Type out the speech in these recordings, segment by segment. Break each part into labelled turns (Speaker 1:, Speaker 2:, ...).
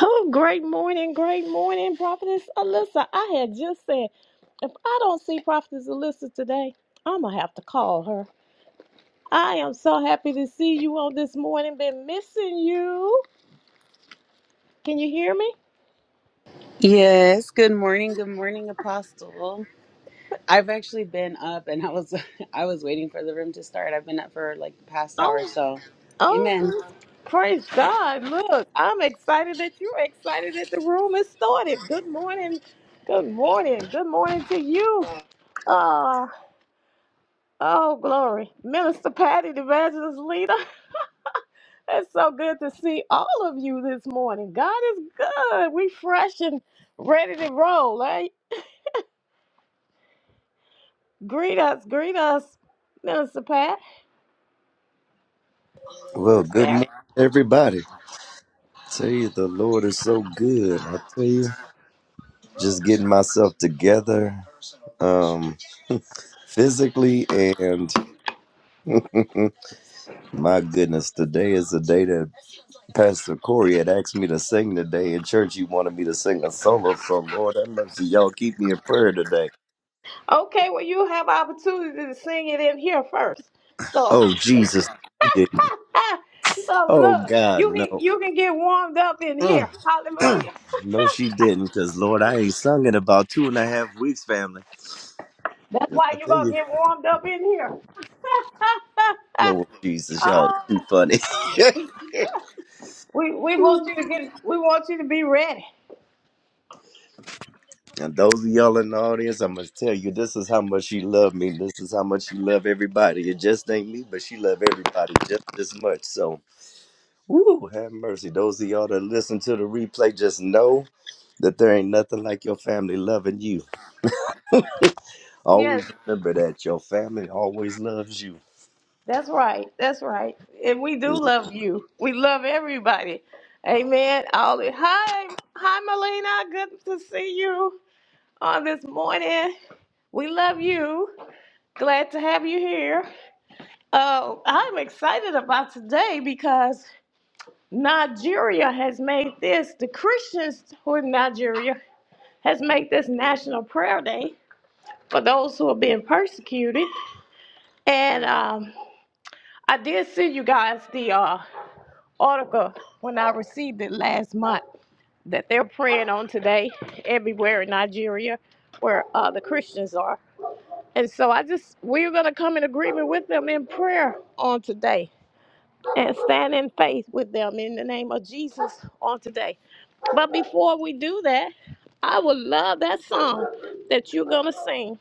Speaker 1: Oh, great morning, great morning, Prophetess Alyssa. I had just said, if I don't see Prophetess Alyssa today, I'm gonna have to call her. I am so happy to see you on this morning. Been missing you. Can you hear me?
Speaker 2: Yes, good morning. Good morning, Apostle. I've actually been up and I was I was waiting for the room to start. I've been up for like the past hour,
Speaker 1: Oh,
Speaker 2: so Amen.
Speaker 1: oh, praise praise God. Look, I'm excited that you're excited that the room is started. Good morning. Good morning. Good morning to you. Ah, oh, glory. Minister Patty, the evangelist leader. It's so good to see all of you this morning. God is good. We fresh and ready to roll. Hey, greet us, greet us, Minister Pat. Are you
Speaker 3: Well, good
Speaker 1: there?
Speaker 3: morning, everybody. tell you, the Lord is so good. I tell you, just getting myself together um, physically, and my goodness, today is the day that Pastor Corey had asked me to sing today in church. He wanted me to sing a solo, so Lord have mercy, y'all keep me in prayer today.
Speaker 1: Okay, well you have opportunity to sing it in here first. So,
Speaker 3: Oh, Jesus, you did.
Speaker 1: so
Speaker 3: Oh,
Speaker 1: look,
Speaker 3: God,
Speaker 1: you can
Speaker 3: no.
Speaker 1: you can get warmed up in here.
Speaker 3: Mm, mm.
Speaker 1: Hallelujah.
Speaker 3: No, she didn't, because Lord, I ain't sung in about two and a half weeks, family.
Speaker 1: That's
Speaker 3: 'Cause
Speaker 1: why
Speaker 3: I
Speaker 1: you're
Speaker 3: tell you.
Speaker 1: gonna get warmed up in here.
Speaker 3: Lord Jesus, y'all are
Speaker 1: Ah,
Speaker 3: too funny.
Speaker 1: we we want you to get we want you to be ready.
Speaker 3: and those of y'all in the audience, I must tell you, this is how much she loved me. This is how much she loved everybody. It just ain't me, but she loved everybody just as much. So, woo, have mercy. Those of y'all that listen to the replay, just know that there ain't nothing like your family loving you.
Speaker 1: Yes,
Speaker 3: Always remember that your family always loves you.
Speaker 1: That's right. That's right. And we do love you. We love everybody. Amen. All the, hi, hi, Melina. Good to see you on this morning. We love you. Glad to have you here. Oh, I'm excited about today because Nigeria has made this the Christians who are in Nigeria has made this National Prayer Day for those who are being persecuted. And um, I did send you guys the uh, article when I received it last month that they're praying on today everywhere in Nigeria where uh, the Christians are. And so I just, we're going to come in agreement with them in prayer on today and stand in faith with them in the name of Jesus on today. But before we do that, I would love that song that you're going to sing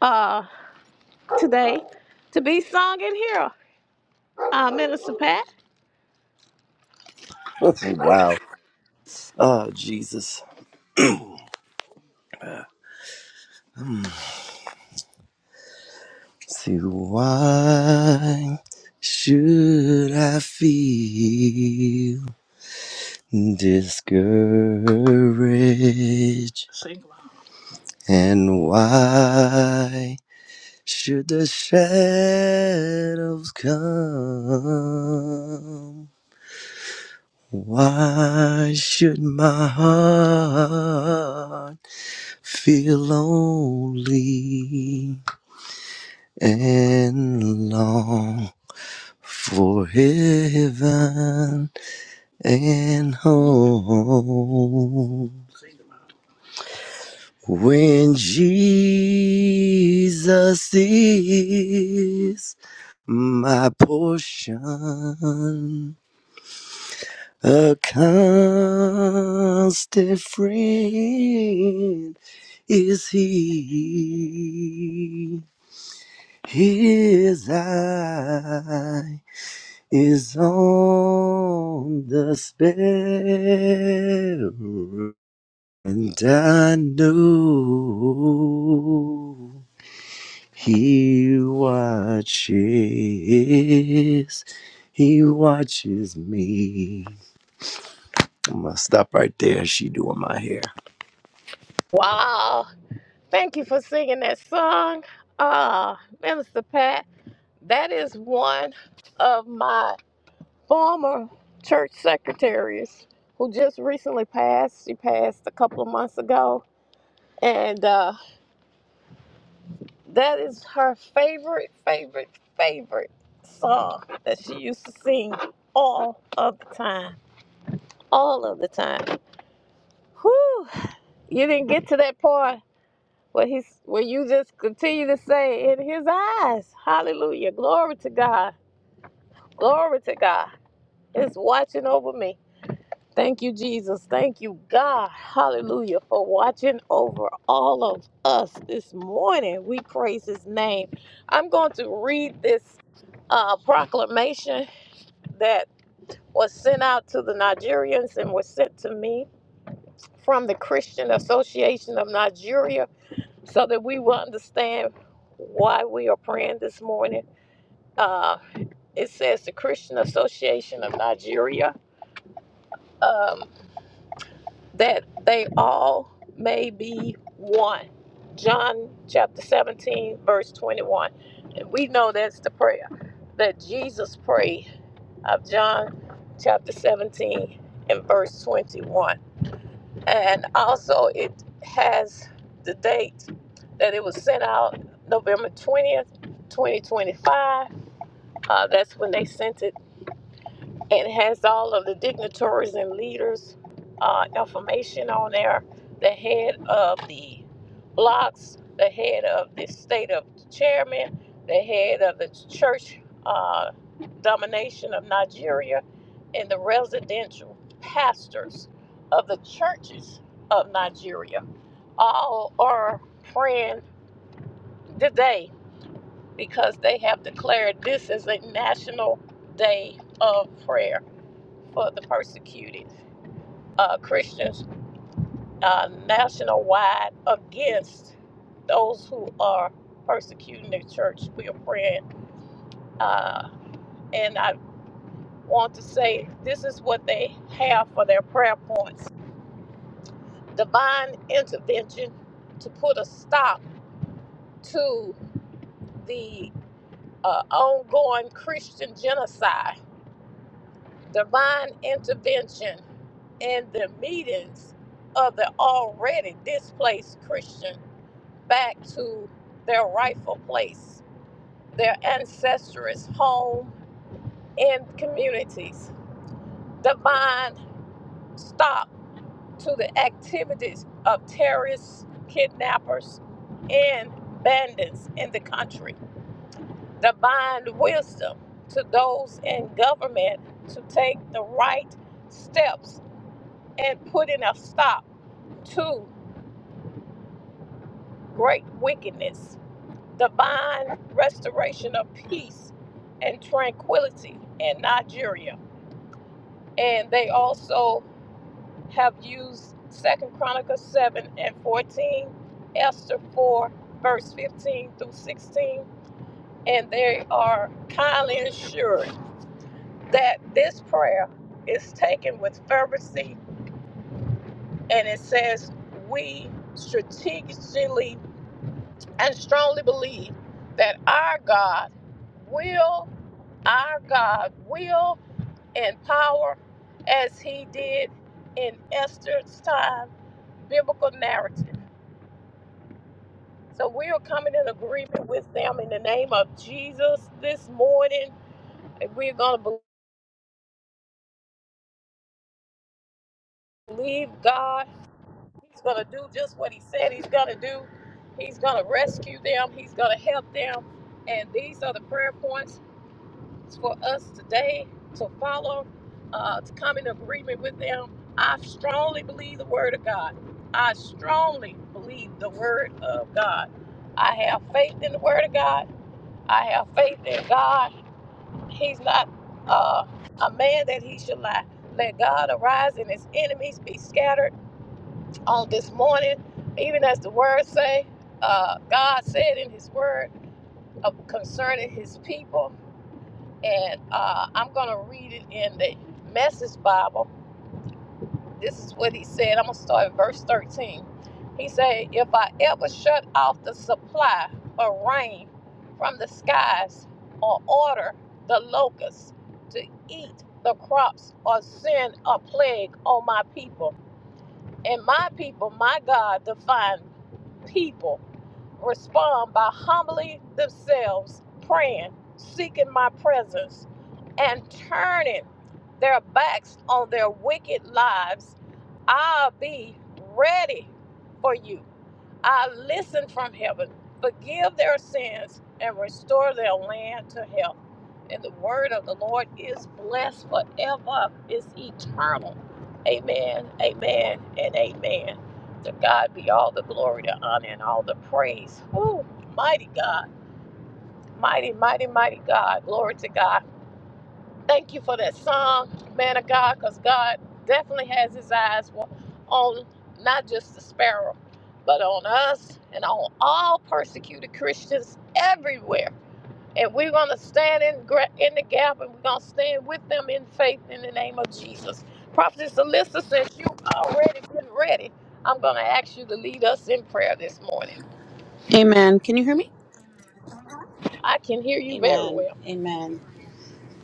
Speaker 1: uh, today to be sung in here, uh, Minister Pat.
Speaker 3: wow. Oh, Jesus. So why should I feel discouraged? And why should the shadows come? Why should my heart feel lonely? and long for heaven and home. When Jesus is my portion, a constant friend is he. His eye. is on the sparrow, and I know he watches. He watches me. I'm gonna stop right there. She doing my hair.
Speaker 1: Wow. Thank you for singing that song. Uh, Minister Pat, that is one of my former church secretaries who just recently passed. She passed a couple of months ago. And uh, that is her favorite, favorite, favorite song that she used to sing all of the time. All of the time. Whew. You didn't get to that part Well, he's well, you just continue to say in his eyes, Hallelujah. Glory to God. Glory to God. It's watching over me. Thank you, Jesus. Thank you, God. Hallelujah. For watching over all of us this morning. We praise his name. I'm going to read this uh, proclamation that was sent out to the Nigerians and was sent to me from the Christian Association of Nigeria so that we will understand why we are praying this morning. Uh, it says the Christian Association of Nigeria um, that they all may be one. John chapter 17, verse 21. And we know that's the prayer that Jesus prayed of John chapter 17 and verse 21. And also, it has the date that it was sent out November 20th, 2025. Uh, that's when they sent it it has all of the dignitaries and leaders' uh, information on there. The head of the blocks, the head of the state of the chairman, the head of the church uh, domination of Nigeria, and the residential pastors of the churches of Nigeria. All are praying today because they have declared this is a national day of prayer for the persecuted uh, Christians uh, national wide against those who are persecuting the church. We are praying. Uh, and I want to say this is what they have for their prayer points divine intervention to put a stop to the uh, ongoing Christian genocide, divine intervention in the meetings of the already displaced Christian back to their rightful place, their ancestors' home and communities. The mind stop to the activities of terrorists, kidnappers, and bandits in the country. Divine wisdom to those in government to take the right steps and putting a stop to great wickedness divine restoration of peace and tranquility in Nigeria. And they also have used Second Chronicles 7 and 14, Esther 4, verse 15 through 16. And they are kindly assured that this prayer is taken with fervency and it says, We strategically and strongly believe that our God will our God will and power as he did in Esther's time, biblical narrative. So we are coming in agreement with them in the name of Jesus this morning. And we're going to believe God. He's going to do just what he said he's going to do. He's going to rescue them. He's going to help them. And these are the prayer points It's for us today to follow, uh, to come in agreement with them. I strongly believe the word of God. I strongly believe the word of God. I have faith in the word of God. I have faith in God. He's not uh, a man that he should lie. Let God arise and his enemies be scattered on this morning, even as the word say. Uh, God said in his word uh, concerning his people and uh, I'm going to read it in the Message Bible. This is what he said. I'm going to start at verse 13. He said, If I ever shut off the supply of rain from the skies, or order the locusts to eat the crops, or send a plague on my people, and my people, my God, defined people, respond by humbling themselves, praying, seeking my presence and turning their backs on their wicked lives, I'll be ready for you. I'll listen from heaven, forgive their sins, and restore their land to health. And the word of the Lord is blessed forever, it's eternal. Amen, amen, and amen. To God be all the glory, the honor, and all the praise. Woo, mighty God, mighty, mighty, mighty God. Glory to God. Thank you for that song, man of God, because God definitely has his eyes wa- on not just the sparrow, but on us and on all persecuted Christians everywhere. And we're going to stand in, gra- in the gap and we're going to stand with them in faith in the name of Jesus. Prophetess Alyssa, since you already been ready, I'm going to ask you to lead us in prayer this morning.
Speaker 2: Amen. Can you hear me?
Speaker 1: I can hear you very
Speaker 2: Amen.
Speaker 1: well.
Speaker 2: Amen.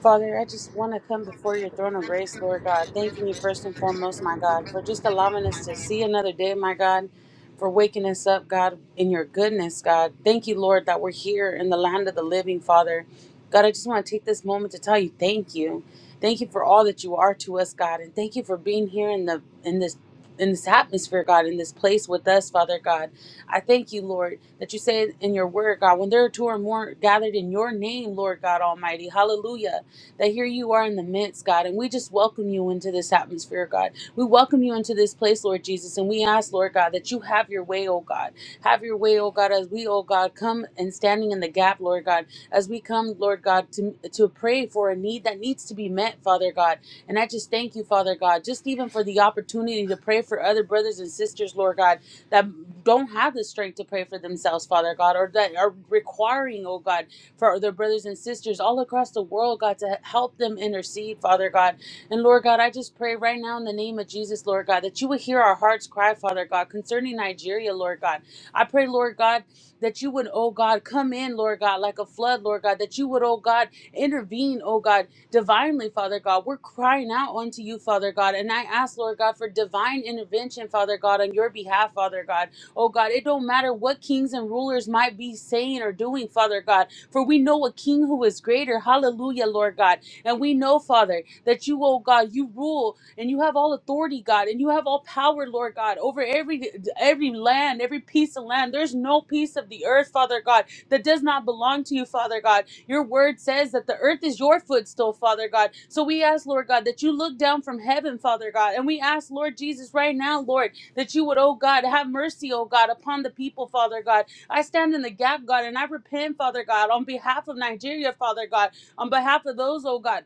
Speaker 2: Father, I just want to come before your throne of grace, Lord God, thanking you first and foremost, my God, for just allowing us to see another day, my God, for waking us up, God, in your goodness, God. Thank you, Lord, that we're here in the land of the living, Father. God, I just want to take this moment to tell you thank you. Thank you for all that you are to us, God, and thank you for being here in the in this in this atmosphere, God, in this place with us, Father God. I thank you, Lord, that you say in your word, God, when there are two or more gathered in your name, Lord God Almighty. Hallelujah that here you are in the midst, God, and we just welcome you into this atmosphere, God. We welcome you into this place, Lord Jesus, and we ask, Lord God, that you have your way, oh God. Have your way, oh God, as we, oh God, come and standing in the gap, Lord God, as we come, Lord God, to, to pray for a need that needs to be met, Father God. And I just thank you, Father God, just even for the opportunity to pray for other brothers and sisters, Lord God, that don't have the strength to pray for themselves, Father God, or that are requiring, oh God for their brothers and sisters all across the world, God, to help them intercede, Father God. And Lord God, I just pray right now in the name of Jesus, Lord God, that you would hear our hearts cry, Father God, concerning Nigeria, Lord God. I pray, Lord God, that you would, oh God, come in, Lord God, like a flood, Lord God, that you would, oh God, intervene, oh God, divinely, Father God. We're crying out unto you, Father God. And I ask, Lord God, for divine intervention, Father God, on your behalf, Father God. Oh God, it don't matter what kings and rulers might be saying or doing, Father God. For we know a king who is greater. Hallelujah, Lord God. And we know, Father, that you, oh God, you rule and you have all authority, God, and you have all power, Lord God, over every every land, every piece of land. There's no piece of the earth, Father God, that does not belong to you, Father God. Your word says that the earth is your footstool, Father God. So we ask, Lord God, that you look down from heaven, Father God, and we ask, Lord Jesus, right now, Lord, that you would, oh God, have mercy, oh God, upon the people, Father God I stand in the gap, God, and I repent, Father God, on behalf of Nigeria, Father God, on behalf of those, oh God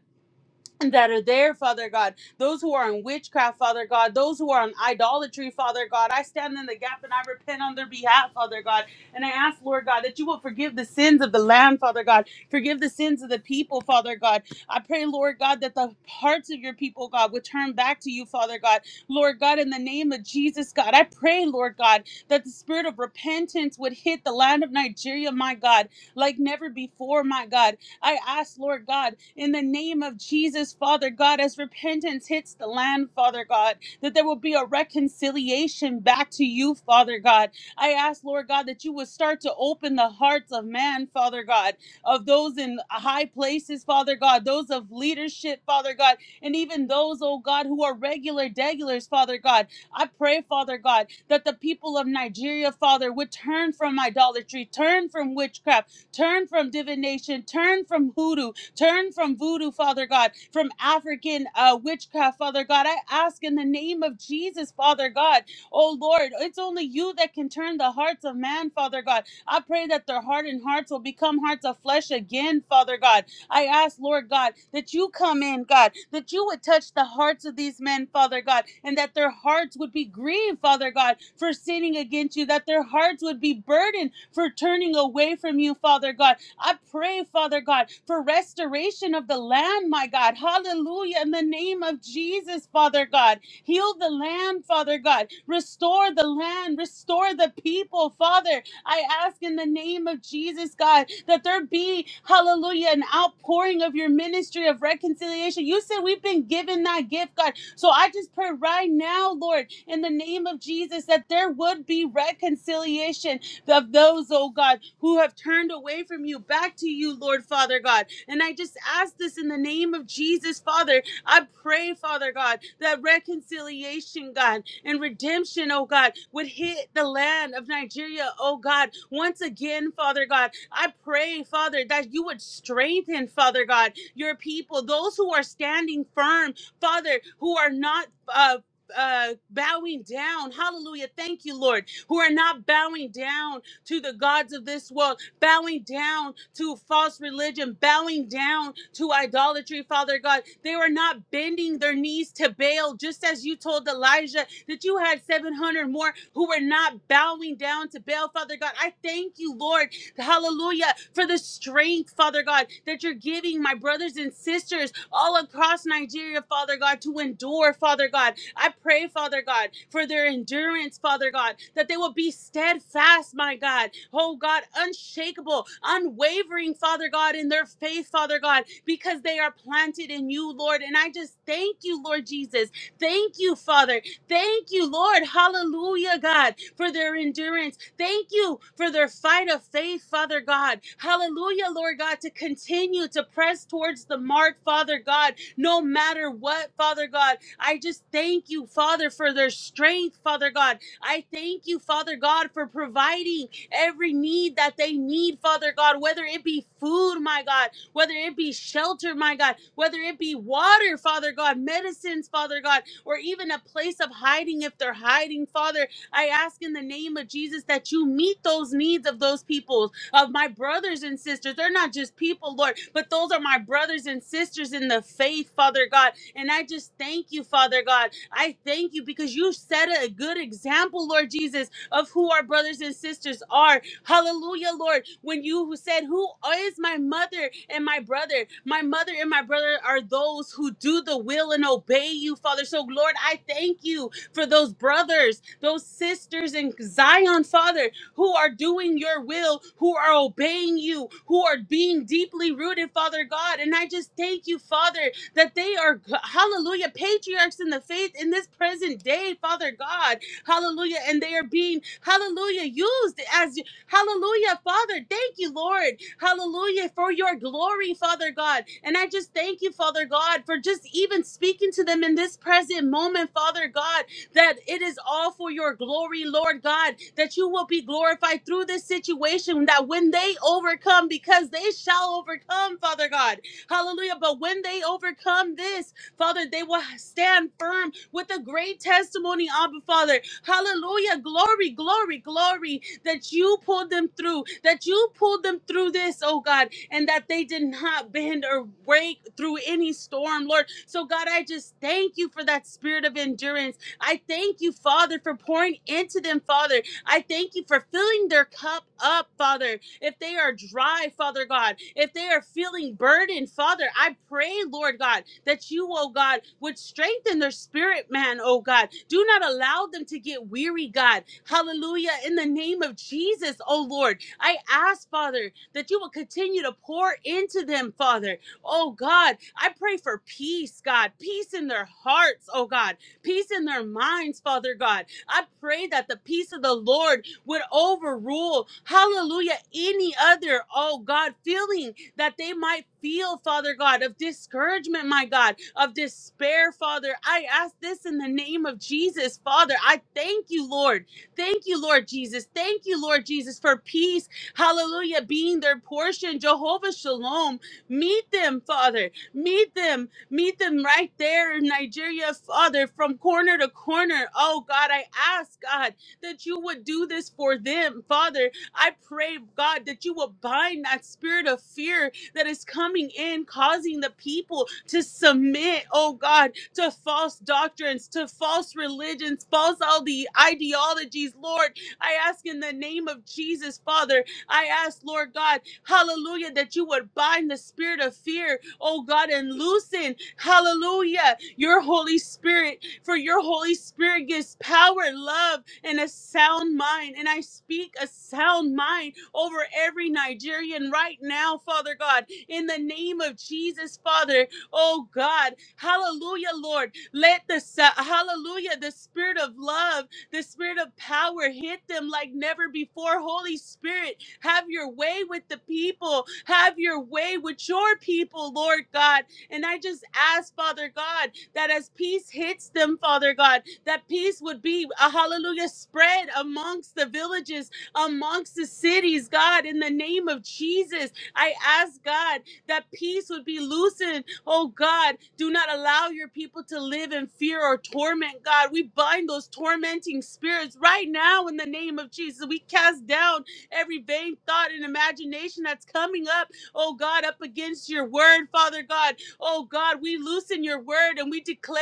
Speaker 2: that are there, Father God, those who are in witchcraft, Father God, those who are in idolatry, Father God. I stand in the gap and I repent on their behalf, Father God. And I ask, Lord God, that you will forgive the sins of the land, Father God. Forgive the sins of the people, Father God. I pray, Lord God, that the hearts of your people, God, would turn back to you, Father God. Lord God, in the name of Jesus, God, I pray, Lord God, that the spirit of repentance would hit the land of Nigeria, my God, like never before, my God. I ask, Lord God, in the name of Jesus, Father God, as repentance hits the land, Father God, that there will be a reconciliation back to you, Father God. I ask, Lord God, that you would start to open the hearts of man, Father God, of those in high places, Father God, those of leadership, Father God, and even those, oh God, who are regular degulars, Father God. I pray, Father God, that the people of Nigeria, Father, would turn from idolatry, turn from witchcraft, turn from divination, turn from hoodoo, Turn from voodoo, Father God, from African uh, witchcraft, Father God. I ask in the name of Jesus, Father God. Oh Lord, it's only you that can turn the hearts of man, Father God. I pray that their hardened hearts will become hearts of flesh again, Father God. I ask, Lord God, that you come in, God, that you would touch the hearts of these men, Father God, and that their hearts would be grieved, Father God, for sinning against you, that their hearts would be burdened for turning away from you, Father God, I pray, Father God, for restoration of the land, my God. Hallelujah. In the name of Jesus, Father God. Heal the land, Father God. Restore the land. Restore the people, Father. I ask in the name of Jesus, God, that there be, hallelujah, an outpouring of your ministry of reconciliation. You said we've been given that gift, God. So I just pray right now, Lord, in the name of Jesus, that there would be reconciliation of those, oh God, who have turned away from you back to you, Lord Father God. And I just ask this in the name of Jesus, Father. I pray, Father God, that reconciliation, God, and redemption, oh God, would hit the land of Nigeria, oh God, once again, Father God. I pray, Father, that you would strengthen, Father God, your people, those who are standing firm, Father, who are not. Uh, uh bowing down hallelujah thank you lord who are not bowing down to the gods of this world, bowing down to false religion, bowing down to idolatry, Father God. They were not bending their knees to Baal, just as you told Elijah that you had 700 more who were not bowing down to Baal, Father God. I thank you, Lord, hallelujah, for the strength, Father God, that you're giving my brothers and sisters all across Nigeria, Father God, to endure, Father God. I pray, Father God, for their endurance, Father God, that they will be steadfast, my God. Oh God, unshakable, unwavering, Father God, in their faith, Father God, because they are planted in you, Lord. And I just thank you, Lord Jesus. Thank you, Father. Thank you, Lord. Hallelujah, God, for their endurance. Thank you for their fight of faith, Father God. Hallelujah, Lord God, to continue to press towards the mark, Father God, no matter what, Father God I just thank you, Father, for their strength, Father God. I thank you, Father God, for providing every need that they need, Father God, whether it be food, my God, whether it be shelter, my God, whether it be water, Father God, medicines, Father God, or even a place of hiding if they're hiding, Father. I ask in the name of Jesus that you meet those needs of those people, of my brothers and sisters. They're not just people, Lord, but those are my brothers and sisters in the faith, Father God. And I just thank you, Father God. I thank you because you set a good example, Lord Jesus, of who our brothers and sisters are. Hallelujah, Lord. When you said, Who is my mother and my brother? My mother and my brother are those who do the will and obey you, Father. So, Lord, I thank you for those brothers, those sisters in Zion, Father, who are doing your will, who are obeying you, who are being deeply rooted, Father God. And I just thank you, Father, that they are, hallelujah, patriarchs in the faith in this present day, Father God, hallelujah, and they are being, hallelujah, used as, hallelujah, Father, thank you, Lord, hallelujah, for your glory, Father God. And I just thank you, Father God, for just even speaking to them in this present moment, Father God, that it is all for your glory, Lord God, that you will be glorified through this situation, that when they overcome, because they shall overcome, Father God. Hallelujah. But when they overcome this, Father, they will stand firm with a great testimony, Abba Father. Hallelujah. Glory, glory, glory that you pulled them through, that you pulled them through this, oh God, and that they did not bend or break through any storm, Lord. So, God, I just thank you for that spirit of endurance. I thank you, Father, for pouring into them, Father. I thank you for filling their cup up, Father if they are dry, Father God, if they are feeling burdened, Father, I pray, Lord God, that you, oh God, would strengthen their spirit, man, oh God. Do not allow them to get weary, God. Hallelujah. In the name of Jesus, oh Lord, I ask, Father, that you will continue to pour into them, Father. Oh God, I pray for peace, God, peace in their hearts, oh God, peace in their minds, Father God. I pray that the peace of the Lord would overrule, hallelujah, any other, oh God, feeling that they might feel, Father God, of discouragement, my God, of despair, Father. I ask this in the name of Jesus, Father. I thank you, Lord. Thank you, Lord Jesus. Thank you, Lord Jesus, for peace, hallelujah, being their portion. Jehovah Shalom, meet them, Father. Meet them, meet them right there in Nigeria, Father, from corner to corner. Oh God, I ask, God that you would do this for them. Father, I pray, God, that you will bind that spirit of fear that is coming in, causing the people to submit, oh God, to false doctrines, to false religions, false all the ideologies. Lord, I ask in the name of Jesus, Father, I ask, Lord God, hallelujah, that you would bind the spirit of fear, oh God, and loosen, hallelujah, your Holy Spirit, for your Holy Spirit gives power, love and a sound mind. And I speak a sound mind over every Nigerian right now, Father God, in the name of Jesus, Father. Oh God, hallelujah, Lord. Let the so- hallelujah, the spirit of love, the spirit of power hit them like never before. Holy Spirit, have your way with the people, have your way with your people, Lord God. And I just ask, Father God, that as peace hits them, Father God, that peace would be a hallelujah spread amongst the villages, amongst the cities, God, in the name of Jesus. I ask God that peace would be loosened. Oh God, do not allow your people to live in fear or torment, God. We bind those tormenting spirits right now in the name of Jesus. We cast down every vain thought and imagination that's coming up, oh God, up against your word, Father God. Oh God, we loosen your word and we declare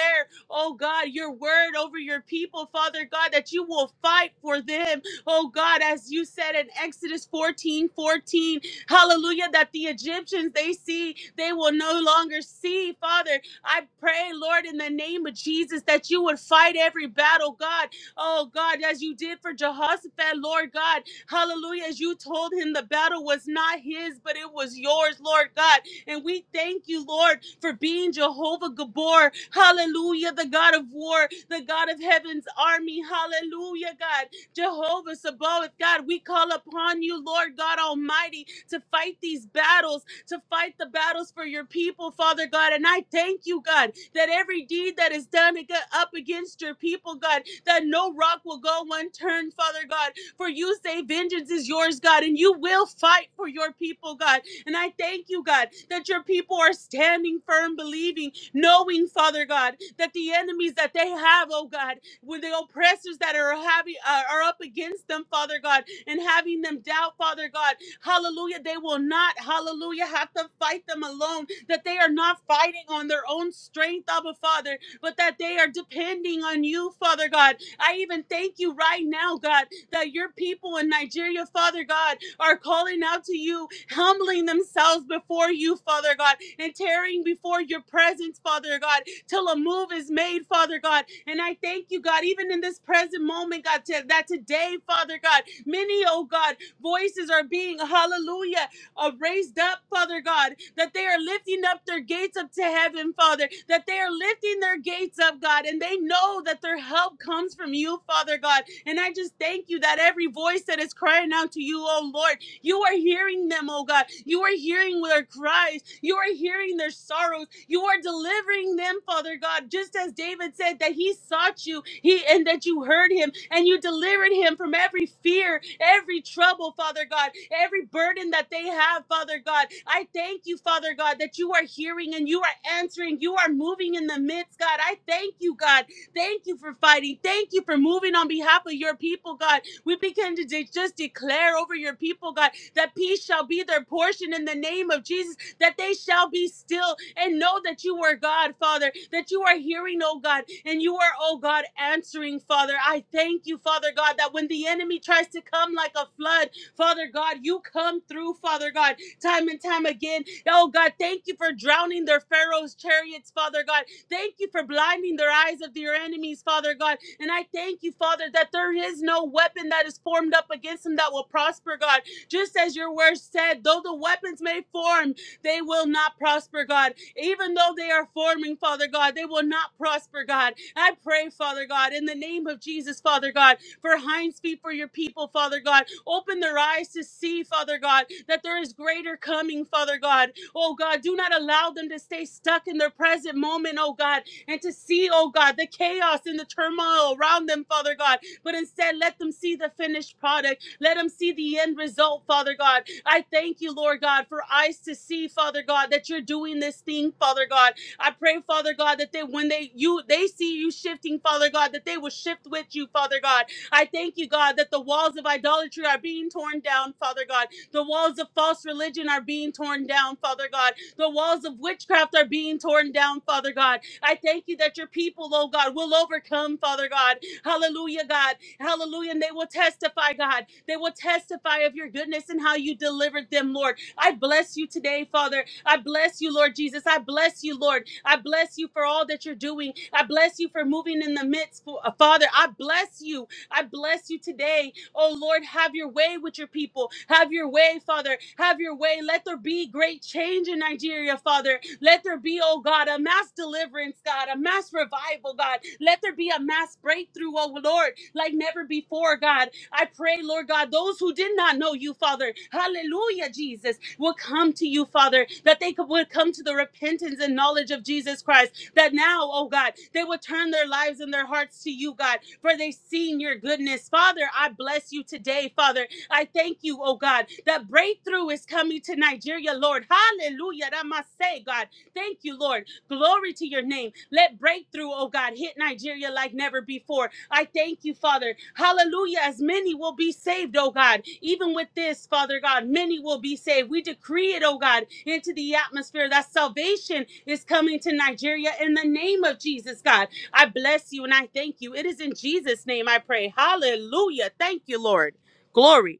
Speaker 2: Oh God, your word over your people, Father God, that you will fight for them. Oh God, as you said in Exodus 14, 14, hallelujah, that the Egyptians they see, they will no longer see. Father, I pray, Lord, in the name of Jesus, that you would fight every battle, God. Oh God, as you did for Jehoshaphat, Lord God, hallelujah, as you told him the battle was not his, but it was yours, Lord God. And we thank you, Lord, for being Jehovah Gabor. Hallelujah, the God of war, the God of heaven's army. Hallelujah, God. Jehovah Sabaoth, God, we call upon you, Lord God Almighty, to fight these battles, to fight the battles for your people, Father God. And I thank you, God, that every deed that is done ag- up against your people, God, that no rock will go unturned, Father God. For you say, Vengeance is yours, God, and you will fight for your people, God. And I thank you, God, that your people are standing firm, believing, knowing, Father God, that the enemies that they have, oh God, with the oppressors that are having are are up against them, Father God, and having them doubt, Father God, hallelujah, they will not, hallelujah, have to fight them alone, that they are not fighting on their own strength, Abba Father, but that they are depending on you, Father God. I even thank you right now, God, that your people in Nigeria, Father God, are calling out to you, humbling themselves before you, Father God, and tearing before your presence, Father God, till a move is made, Father God. And I thank you, God, even in this present moment, God, to- that today, Father God, many, oh God, voices are being, hallelujah, are raised up, Father God, that they are lifting up their gates up to heaven, Father, that they are lifting their gates up, God, and they know that their help comes from you, Father God. And I just thank you that every voice that is crying out to you, oh Lord, you are hearing them, oh God. You are hearing their cries. You are hearing their sorrows. You are delivering them, Father God, just as David said that he sought you, he and that you heard him and you delivered him from every fear, every trouble, Father God, every burden that they have, Father God. I thank you, Father God, that you are hearing and you are answering. You are moving in the midst, God. I thank you, God, Thank you for fighting. Thank you for moving on behalf of your people, God. We begin to de- just declare over your people, God, that peace shall be their portion in the name of Jesus, that they shall be still and know that you are God, Father, that you are hearing, oh God, and you are, oh God, answering, Father. I thank you, Father God, that when the enemy tries to come like a flood, Father God, you come through, Father God, time and time again. Oh God, thank you for drowning their Pharaoh's chariots, Father God. Thank you for blinding their eyes of their enemies, Father God. And I thank you, Father, that there is no weapon that is formed up against them that will prosper, God. Just as your word said, though the weapons may form, they will not prosper, God. Even though they are forming, Father God, they will not prosper, God. I pray, Father God, in the name of Jesus, Father God, for hinds feet for your people, Father God. Open their eyes to see, Father God, that there is greater coming, Father God. Oh God, do not allow them to stay stuck in their present moment, oh God, and to see, oh God, the chaos and the turmoil around them, Father God. But instead, let them see the finished product. Let them see the end result, Father God. I thank you, Lord God, for eyes to see, Father God, that you're doing this thing, Father God. I pray, Father God, that they when they you they see you shifting, Father God, that they will shift with you, Father God. I thank you, God, that the walls of idolatry are being torn down, Father God the walls of false religion are being torn down, Father God. The walls of witchcraft are being torn down, Father God. I thank you that your people, oh God, will overcome, Father God. Hallelujah, God. Hallelujah. And they will testify, God. They will testify of your goodness and how you delivered them, Lord. I bless you today, Father. I bless you, Lord Jesus. I bless you, Lord. I bless you for all that you're doing. I bless you for moving in the midst, Father. I bless you. I bless you today. Oh Lord, have your way with your people. Have your way, Father. Have your way. Let there be great change in Nigeria, Father. Let there be, oh God, a mass deliverance, God, a mass revival, God. Let there be a mass breakthrough, oh Lord, like never before, God. I pray, Lord God, those who did not know you, Father, hallelujah, Jesus, will come to you, Father, that they could, would come to the repentance and knowledge of Jesus Christ that now, oh God, they will turn their lives and their hearts to you, God, for they've seen your goodness. Father, I bless you today, Father. I thank you, oh God, that breakthrough is coming to Nigeria, Lord. Hallelujah. That must say, God. Thank you, Lord. Glory to your name. Let breakthrough, oh God, hit Nigeria like never before. I thank you, Father. Hallelujah. As many will be saved, oh God. Even with this, Father God, many will be saved. We decree it, oh God, into the atmosphere that salvation is coming to Nigeria in the name of Jesus, God. I bless you and I thank you. It is in Jesus' name I pray. Hallelujah. Thank you, Lord. Glory.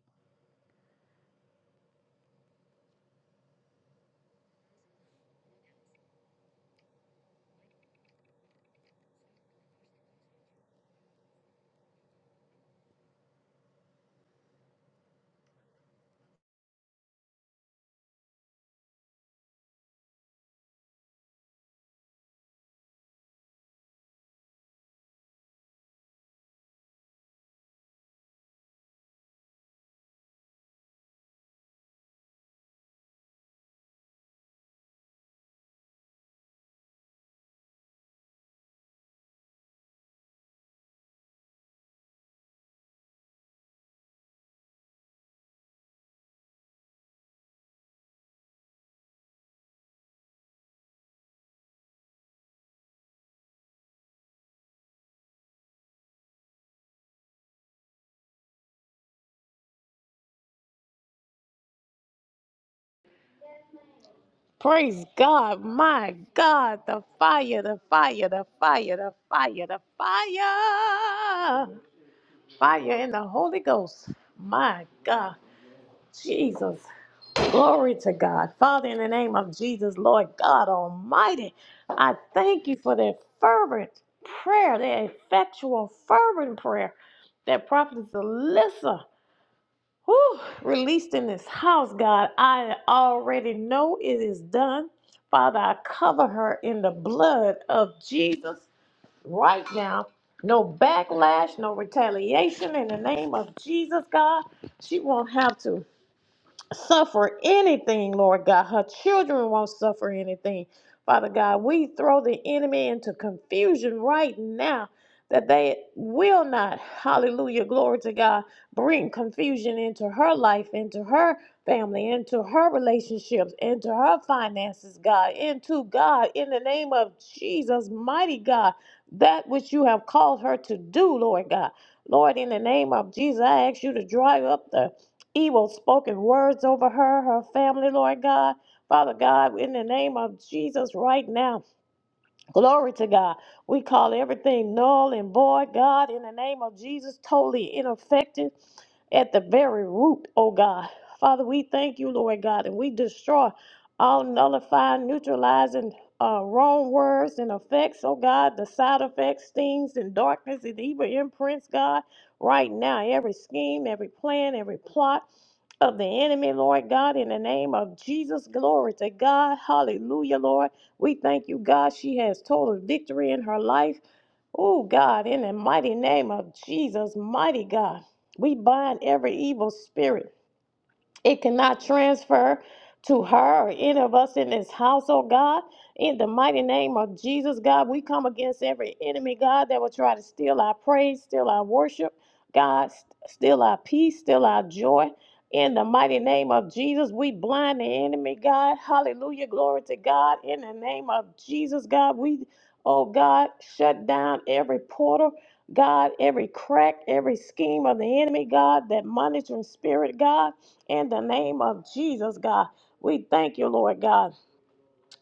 Speaker 1: Praise God, my God, the fire, the fire, the fire, the fire, the fire, fire in the Holy Ghost. My God, Jesus, glory to God. Father, in the name of Jesus, Lord God Almighty, I thank you for that fervent prayer, that effectual, fervent prayer that Prophet Alyssa Whew, released in this house, God. I already know it is done. Father, I cover her in the blood of Jesus right now. No backlash, no retaliation in the name of Jesus, God. She won't have to suffer anything, Lord God. Her children won't suffer anything. Father God, we throw the enemy into confusion right now that they will not, hallelujah, glory to God, bring confusion into her life, into her family, into her relationships, into her finances, God, into God, in the name of Jesus, mighty God, that which you have called her to do, Lord God. Lord, in the name of Jesus, I ask you to dry up the evil spoken words over her, her family, Lord God. Father God, in the name of Jesus, right now, glory to God. We call everything null and void, God, in the name of Jesus, totally ineffective at the very root, oh God. Father, we thank you, Lord God, and we destroy all nullifying, neutralizing uh, wrong words and effects, oh God, the side effects, things, and darkness, and evil imprints, God, right now. Every scheme, every plan, every plot of the enemy, Lord God, in the name of Jesus. Glory to God. Hallelujah, Lord. We thank you, God. She has total victory in her life. Oh, God, in the mighty name of Jesus, mighty God, we bind every evil spirit. It cannot transfer to her or any of us in this house, oh God. In the mighty name of Jesus, God, we come against every enemy, God, that will try to steal our praise, steal our worship, God, st- steal our peace, steal our joy. In the mighty name of Jesus, we blind the enemy, God. Hallelujah. Glory to God. In the name of Jesus, God, we, oh God, shut down every portal, God, every crack, every scheme of the enemy, God, that monitoring spirit, God. In the name of Jesus, God, we thank you, Lord God.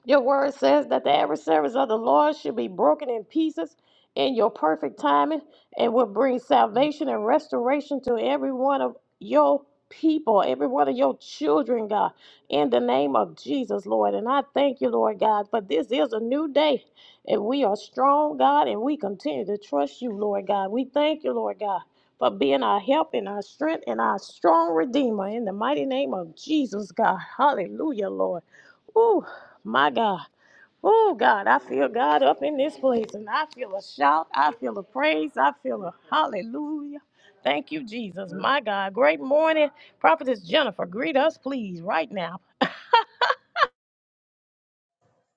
Speaker 1: Your word says that the adversaries of the Lord should be broken in pieces in your perfect timing and will bring salvation and restoration to every one of your people, every one of your children, God, in the name of Jesus, Lord. And I thank you, Lord God, for this is a new day. And we are strong, God, and we continue to trust you, Lord God. We thank you, Lord God, for being our help and our strength and our strong redeemer in the mighty name of Jesus, God. Hallelujah, Lord. Ooh. My God. Oh, God, I feel God up in this place, and I feel a shout. I feel a praise. I feel a hallelujah. Thank you, Jesus. My God. Great morning. Prophetess Jennifer, greet us, please, right now.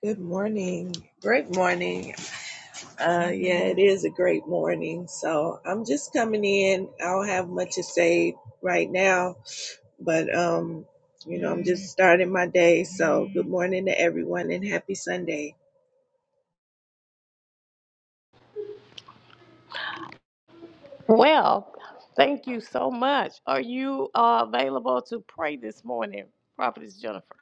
Speaker 4: Good morning. Great morning. Uh, yeah, it is a great morning. So I'm just coming in. I don't have much to say right now, but um, you know, I'm just starting my day. So good morning to everyone and happy Sunday.
Speaker 1: Well, thank you so much. Are you uh, available to pray this morning, Prophetess Jennifer?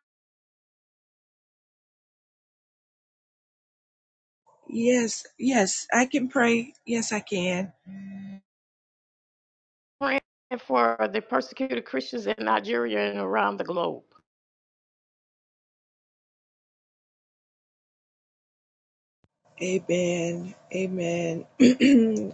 Speaker 4: Yes, yes, I can pray. Yes, I can.
Speaker 1: Praying for the persecuted Christians in Nigeria and around the globe.
Speaker 4: Amen. Amen.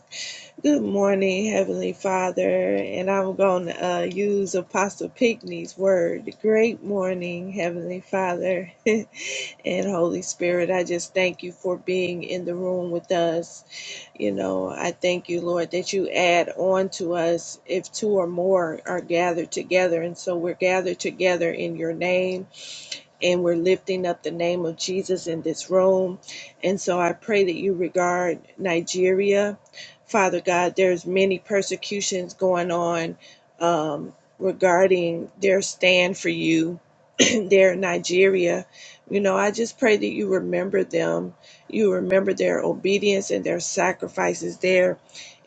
Speaker 4: Good morning, Heavenly Father, and I'm going to uh, use Apostle Pinckney's word. Great morning, Heavenly Father and Holy Spirit. I just thank you for being in the room with us. You know, I thank you, Lord, that you add on to us if two or more are gathered together. And so we're gathered together in your name and we're lifting up the name of Jesus in this room. And so I pray that you regard Nigeria. Father God, there's many persecutions going on um, regarding their stand for you there in Nigeria. You know, I just pray that you remember them. You remember their obedience and their sacrifices there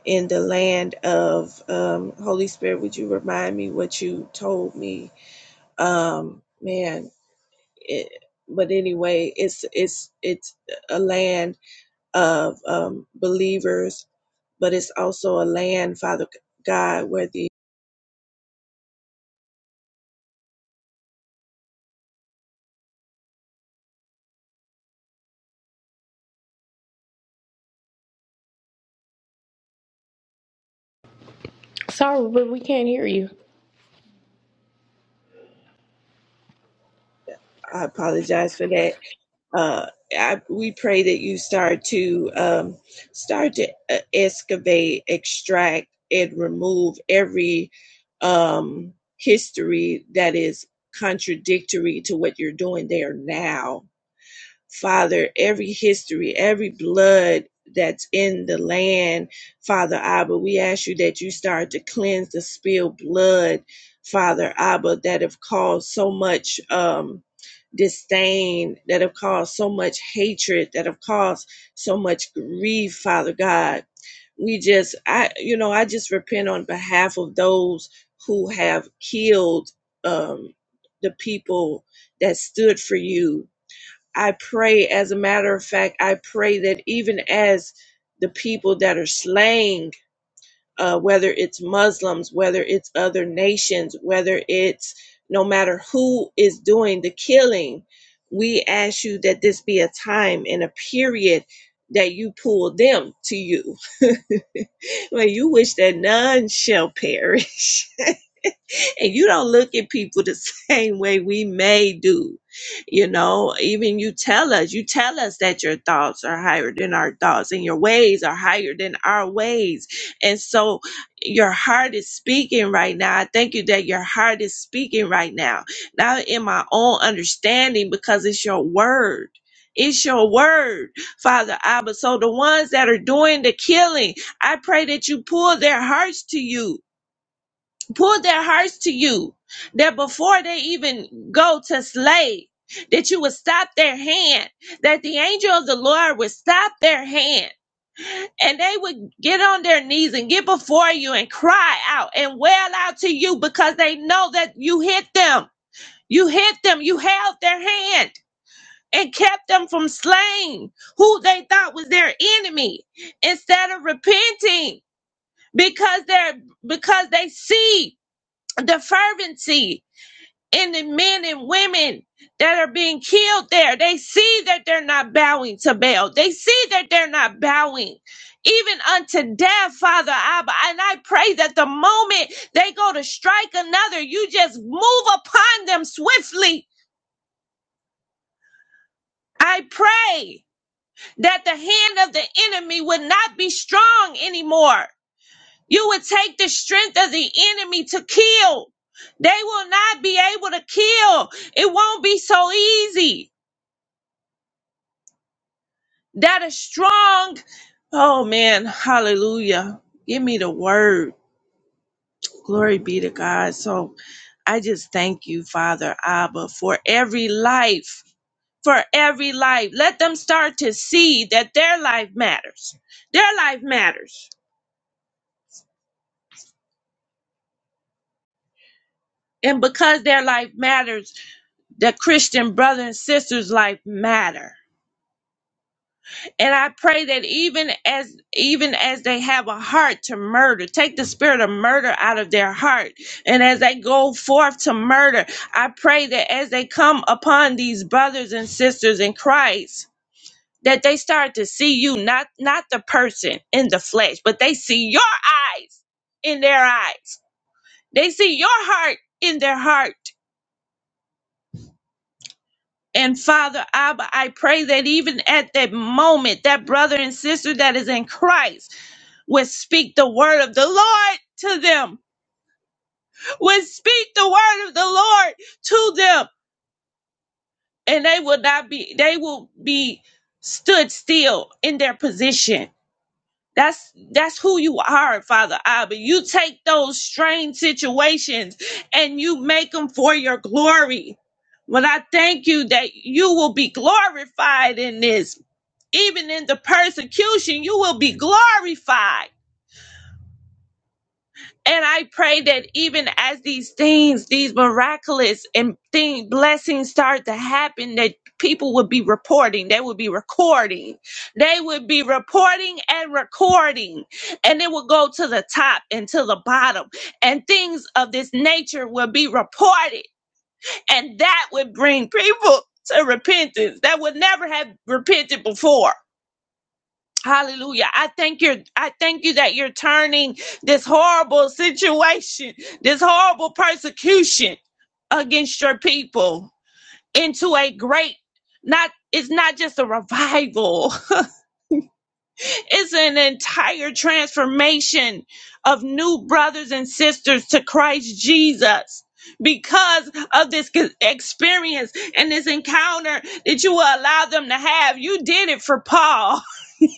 Speaker 4: in the land of um, Holy Spirit. Would you remind me what you told me? Um, man, it, but anyway, it's it's it's a land of um, believers, but it's also a land, Father God, where the
Speaker 1: Sorry, but we can't hear you.
Speaker 4: I apologize for that. Uh, I, we pray that you start to um, start to uh, excavate, extract, and remove every um, history that is contradictory to what you're doing there now Father, every history, every blood that's in the land, Father Abba, we ask you that you start to cleanse the spilled blood, Father Abba, that have caused so much um, disdain, that have caused so much hatred, that have caused so much grief, Father God we just i you know i just repent on behalf of those who have killed um the people that stood for you I pray, as a matter of fact, I pray that even as the people that are slaying, uh, whether it's Muslims, whether it's other nations, whether it's no matter who is doing the killing, we ask you that this be a time and a period that you pull them to you. Well, you wish that none shall perish. and you don't look at people the same way we may do. You know, even you tell us, you tell us that your thoughts are higher than our thoughts and your ways are higher than our ways. And so your heart is speaking right now. I thank you that your heart is speaking right now. Not in my own understanding because it's your word. It's your word, Father Abba. So the ones that are doing the killing, I pray that you pull their hearts to you pull their hearts to you that before they even go to slay that you would stop their hand that the angel of the lord would stop their hand and they would get on their knees and get before you and cry out and wail out to you because they know that you hit them you hit them you held their hand and kept them from slaying who they thought was their enemy instead of repenting because they're because they see the fervency and the men and women that are being killed there. They see that they're not bowing to Baal. They see that they're not bowing even unto death, Father Abba. And I pray that the moment they go to strike another, you just move upon them swiftly. I pray that the hand of the enemy would not be strong anymore. You would take the strength of the enemy to kill. They will not be able to kill. It won't be so easy. that is strong. Oh man, hallelujah. Give me the word. Glory be to God. So I just thank you, Father Abba, for every life, for every life. Let them start to see that their life matters. Their life matters. And because their life matters, the Christian brother and sister's life matter. And I pray that even as even as they have a heart to murder, take the spirit of murder out of their heart. And as they go forth to murder, I pray that as they come upon these brothers and sisters in Christ, that they start to see you, not not the person in the flesh, but they see your eyes in their eyes. They see your heart in their heart. And Father Abba, I pray that even at that moment, that brother and sister that is in Christ would speak the word of the Lord to them, would speak the word of the Lord to them, and they will not be, they will be stood still in their position. That's that's who you are, Father Abba. You take those strange situations and you make them for your glory. But I thank you that you will be glorified in this. Even in the persecution, you will be glorified And I pray that even as these things, these miraculous and thing blessings start to happen, that people would be reporting, they would be recording, they would be reporting and recording, and it will go to the top and to the bottom, and things of this nature will be reported, and that would bring people to repentance that would never have repented before. Hallelujah. I thank you. I thank you that you're turning this horrible situation, this horrible persecution against your people into a great, not, it's not just a revival. It's an entire transformation of new brothers and sisters to Christ Jesus. Because of this c- experience and this encounter that you will allow them to have, you did it for Paul.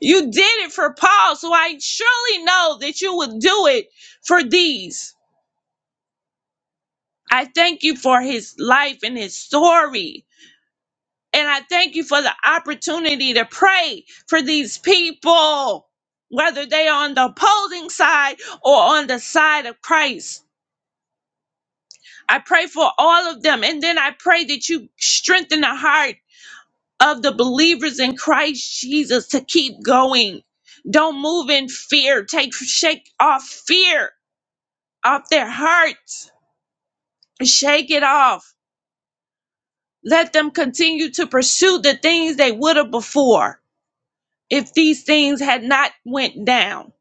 Speaker 4: You did it for Paul, so I surely know that you would do it for these. I thank you for his life and his story. And I thank you for the opportunity to pray for these people, whether they are on the opposing side or on the side of Christ. I pray for all of them. And then I pray that you strengthen the heart of the believers in Christ Jesus to keep going. Don't move in fear. Take shake off fear off their hearts. Shake it off. Let them continue to pursue the things they would have before if these things had not went down.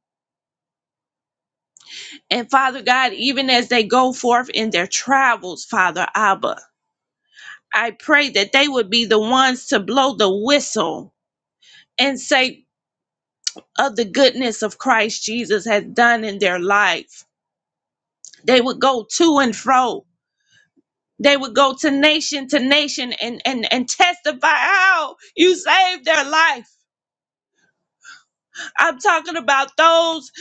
Speaker 4: And Father God, even as they go forth in their travels, Father Abba, I pray that they would be the ones to blow the whistle and say of the goodness of Christ Jesus has done in their life. They would go to and fro. They would go to nation to nation and, and, and testify how you saved their life I'm talking about those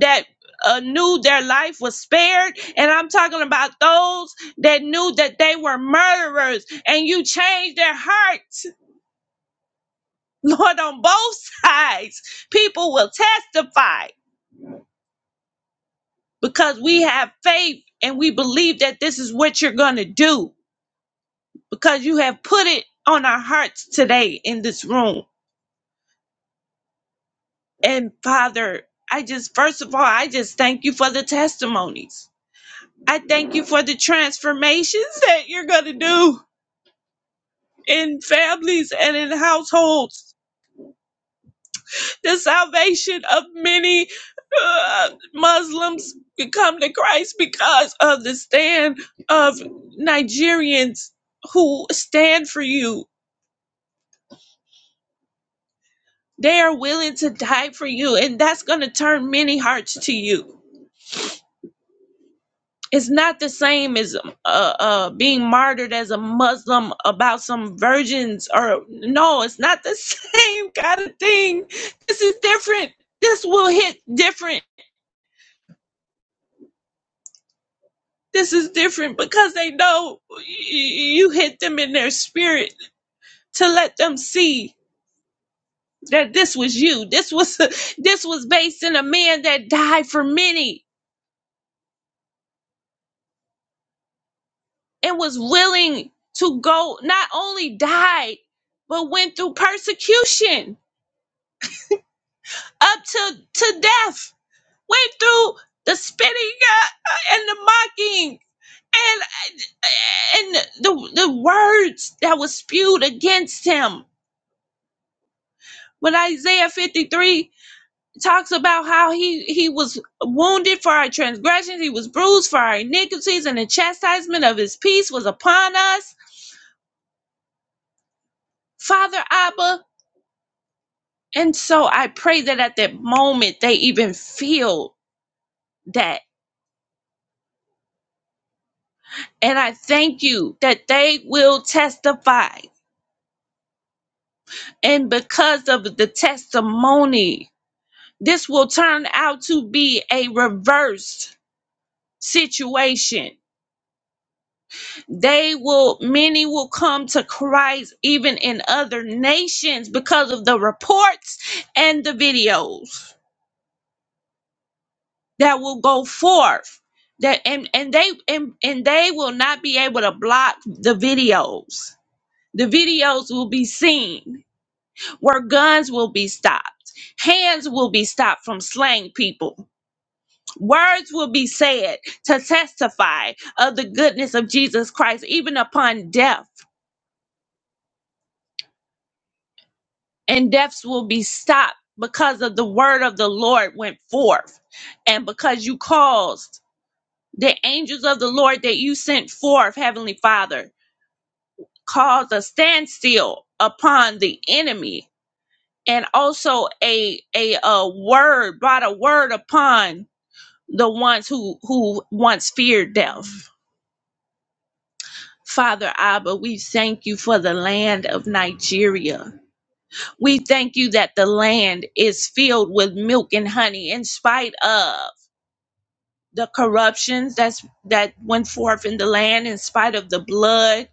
Speaker 4: that uh, knew their life was spared, and I'm talking about those that knew that they were murderers, and you changed their hearts, Lord, on both sides. People will testify because we have faith and we believe that this is what you're going to do because you have put it on our hearts today in this room. And Father, I just, first of all, I just thank you for the testimonies. I thank you for the transformations that you're going to do in families and in households. The salvation of many uh, Muslims to come to Christ because of the stand of Nigerians who stand for you. They are willing to die for you, and that's going to turn many hearts to you. It's not the same as uh, uh, being martyred as a Muslim about some virgins or no, it's not the same kind of thing. This is different. This will hit different. This is different because they know y- y- you hit them in their spirit to let them see that this was you. This was this was based in a man that died for many and was willing to go not only died but went through persecution up to to death. Went through the spitting uh, and the mocking and and the the words that was spewed against him. When Isaiah 53 talks about how he he was wounded for our transgressions, he was bruised for our iniquities, and the chastisement of his peace was upon us, Father Abba. And so I pray that at that moment they even feel that. And I thank you that they will testify And because of the testimony, this will turn out to be a reversed situation. They will, many will come to Christ even in other nations because of the reports and the videos that will go forth. That and, and they and, and they will not be able to block the videos. The videos will be seen where guns will be stopped, hands will be stopped from slaying people Words will be said to testify of the goodness of Jesus Christ, even upon death, and deaths will be stopped because of the word of the Lord went forth, and because you caused the angels of the Lord that you sent forth, Heavenly Father, caused a standstill upon the enemy, and also a a, a word brought a word upon the ones who who once feared death. Father Abba, we thank you for the land of Nigeria. We thank you that the land is filled with milk and honey in spite of the corruptions that's that went forth in the land in spite of the blood.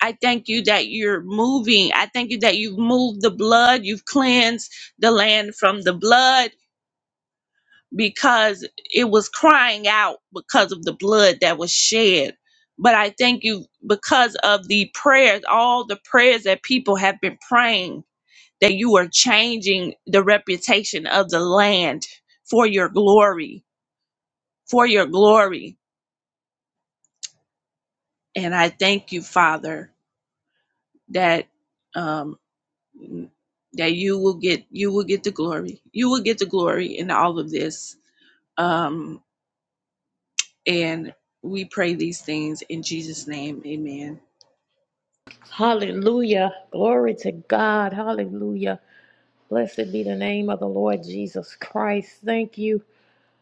Speaker 4: I thank you that you're moving. I thank you that you've moved the blood, you've cleansed the land from the blood because it was crying out because of the blood that was shed. But I thank you because of the prayers, all the prayers that people have been praying, that you are changing the reputation of the land for your glory, for your glory. And I thank you, Father, that um, that you will get you will get the glory. You will get the glory in all of this. Um, And we pray these things in Jesus' name. Amen.
Speaker 1: Hallelujah. Glory to God. Hallelujah. Blessed be the name of the Lord Jesus Christ. Thank you.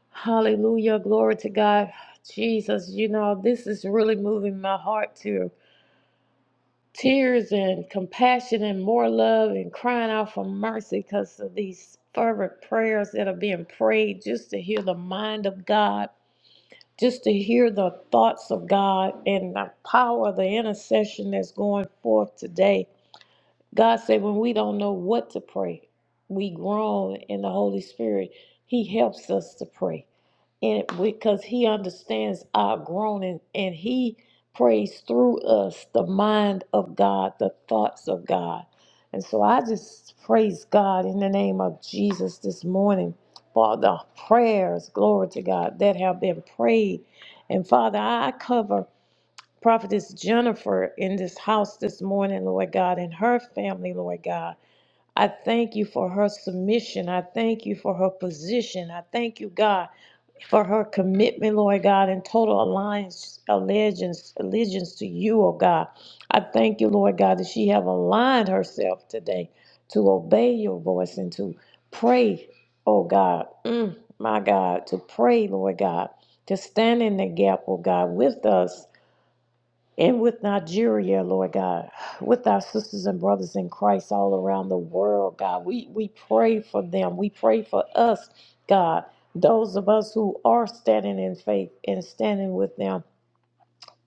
Speaker 1: Hallelujah. Glory to God. Jesus, you know, this is really moving my heart to tears and compassion and more love and crying out for mercy because of these fervent prayers that are being prayed just to hear the mind of God, just to hear the thoughts of God and the power of the intercession that's going forth today. God said, when we don't know what to pray, we groan in the Holy Spirit. He helps us to pray. And because he understands our groaning and he prays through us the mind of God, the thoughts of God. And so I just praise God in the name of Jesus this morning for the prayers, glory to God, that have been prayed. And Father, I cover Prophetess Jennifer in this house this morning, Lord God, and her family, Lord God. I thank you for her submission. I thank you for her position. I thank you, God, for her commitment, Lord God, and total alliance, allegiance, allegiance to you, oh God. I thank you, Lord God, that she have aligned herself today to obey your voice and to pray, oh God, Mm, my God, to pray, Lord God, to stand in the gap, oh God, with us and with Nigeria, Lord God, with our sisters and brothers in Christ all around the world, God, we, we pray for them. We pray for us, God, those of us who are standing in faith and standing with them,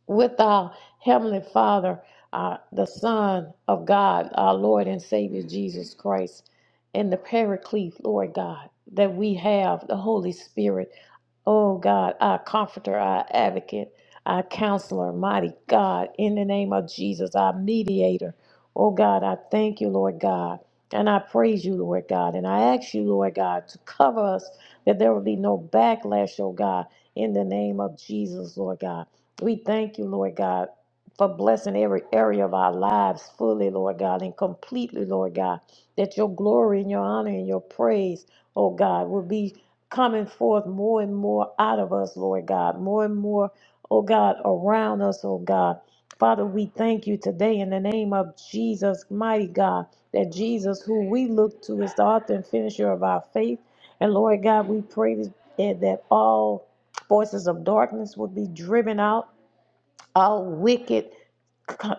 Speaker 1: with our Heavenly Father, uh, the Son of God, our Lord and Savior Jesus Christ, and the Paraclete, Lord God, that we have, the Holy Spirit. Oh God, our comforter, our advocate, our counselor, mighty God, in the name of Jesus, our mediator. Oh God, I thank you, Lord God, and I praise you, Lord God, and I ask you, Lord God, to cover us that there will be no backlash, oh God, in the name of Jesus, Lord God. We thank you, Lord God, for blessing every area of our lives fully, Lord God, and completely, Lord God, that your glory and your honor and your praise, oh God, will be coming forth more and more out of us, Lord God, more and more, oh God, around us, oh God. Father, we thank you today in the name of Jesus, mighty God, that Jesus, who we look to, is the author and finisher of our faith. And Lord God, we pray that that all forces of darkness would be driven out all wicked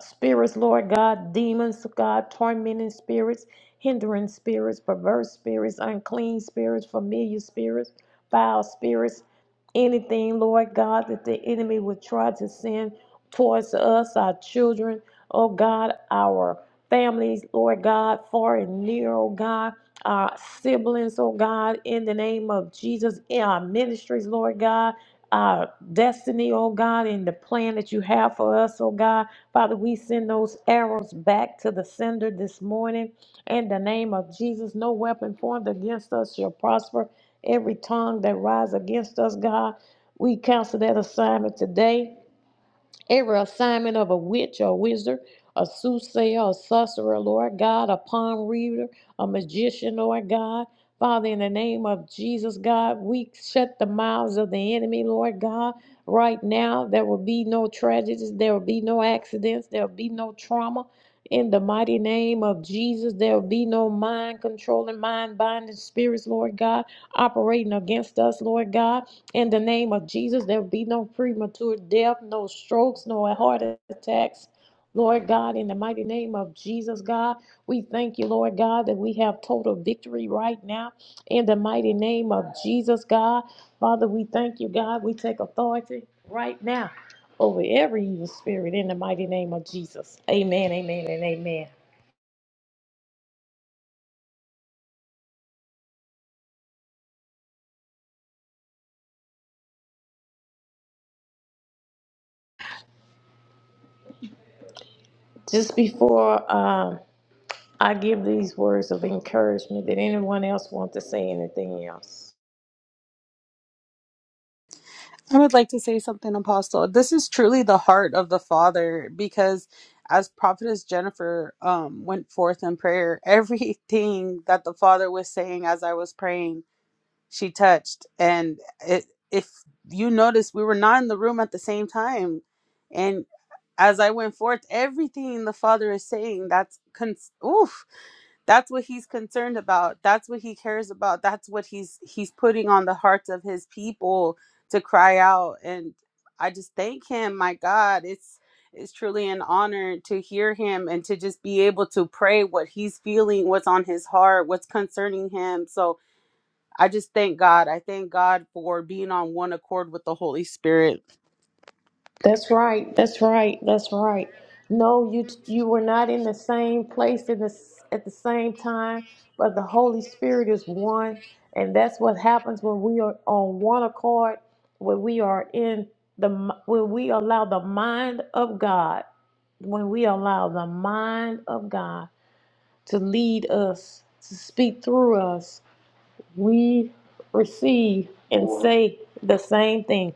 Speaker 1: spirits, Lord God, demons, God, tormenting spirits, hindering spirits, perverse spirits, unclean spirits, familiar spirits, foul spirits anything, Lord God, that the enemy would try to send towards us, our children, oh God, our families, Lord God, far and near, oh God, our siblings, oh God, in the name of Jesus, in our ministries, Lord God. Our destiny, oh God, and the plan that you have for us, oh God. Father, we send those arrows back to the sender this morning in the name of Jesus. No weapon formed against us shall prosper every tongue that rises against us, God. We cancel that assignment today Every assignment of a witch or wizard, a soothsayer, a sorcerer, Lord God, a palm reader, a magician, Lord God. Father, in the name of Jesus, God, we shut the mouths of the enemy, Lord God. Right now, there will be no tragedies, there will be no accidents, there will be no trauma. In the mighty name of Jesus, there will be no mind controlling, mind binding spirits, Lord God, operating against us, Lord God. In the name of Jesus, there will be no premature death, no strokes, no heart attacks. Lord God, in the mighty name of Jesus, God, we thank you, Lord God, that we have total victory right now. In the mighty name of Jesus, God, Father, we thank you, God. We take authority right now over every evil spirit in the mighty name of Jesus. Amen, amen, and amen. Just before um, I give these words of encouragement, did anyone else want to say anything else?
Speaker 2: I would like to say something, Apostle. This is truly the heart of the Father because as prophetess Jennifer um, went forth in prayer, everything that the Father was saying as I was praying, she touched. And it, if you notice, we were not in the room at the same time. And as I went forth, everything the Father is saying, that's, cons- oof that's what he's concerned about that's what he cares about that's what he's he's putting on the hearts of his people to cry out and i just thank him my god it's it's truly an honor to hear him and to just be able to pray what he's feeling what's on his heart what's concerning him so i just thank god i thank god for being on one accord with the holy spirit
Speaker 1: That's right. That's right. That's right. No, you you were not in the same place in the, s- at the same time, but the Holy Spirit is one, and that's what happens when we are on one accord, when we are in the m- when we allow the mind of God, when we allow the mind of God to lead us, to speak through us, we receive and say the same thing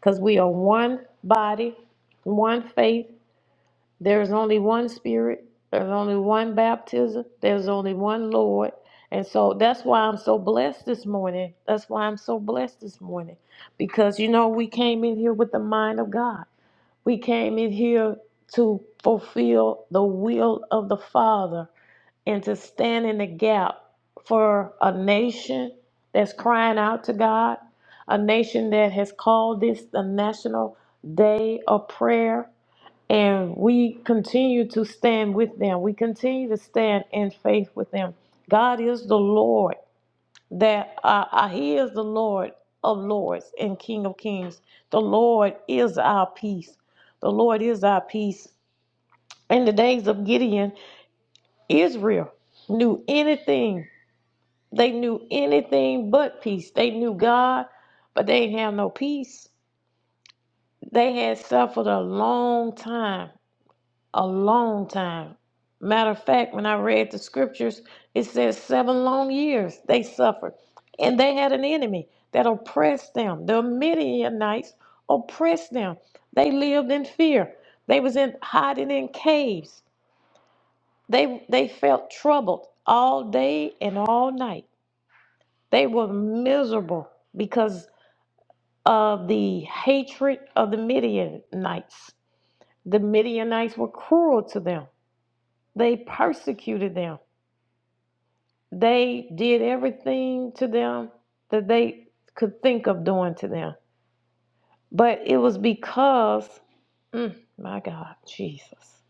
Speaker 1: because we are one body, one faith. There is only one spirit. There's only one baptism. There's only one Lord. And so that's why I'm so blessed this morning. That's why I'm so blessed this morning. Because, you know, we came in here with the mind of God. We came in here to fulfill the will of the Father and to stand in the gap for a nation that's crying out to God, a nation that has called this the National Day of Prayer. And we continue to stand with them. We continue to stand in faith with them. God is the Lord that uh, uh, He is the Lord of Lords and King of Kings. The Lord is our peace. The Lord is our peace. In the days of Gideon, Israel knew anything they knew anything but peace. They knew God, but they didn't have no peace. They had suffered a long time, a long time. Matter of fact, when I read the scriptures, it says seven long years they suffered. And they had an enemy that oppressed them. The Midianites oppressed them. They lived in fear. They was in hiding in caves. They they felt troubled all day and all night. They were miserable because of the hatred of the Midianites. The Midianites were cruel to them, they persecuted them, they did everything to them that they could think of doing to them. But it was because, mm, my God, Jesus.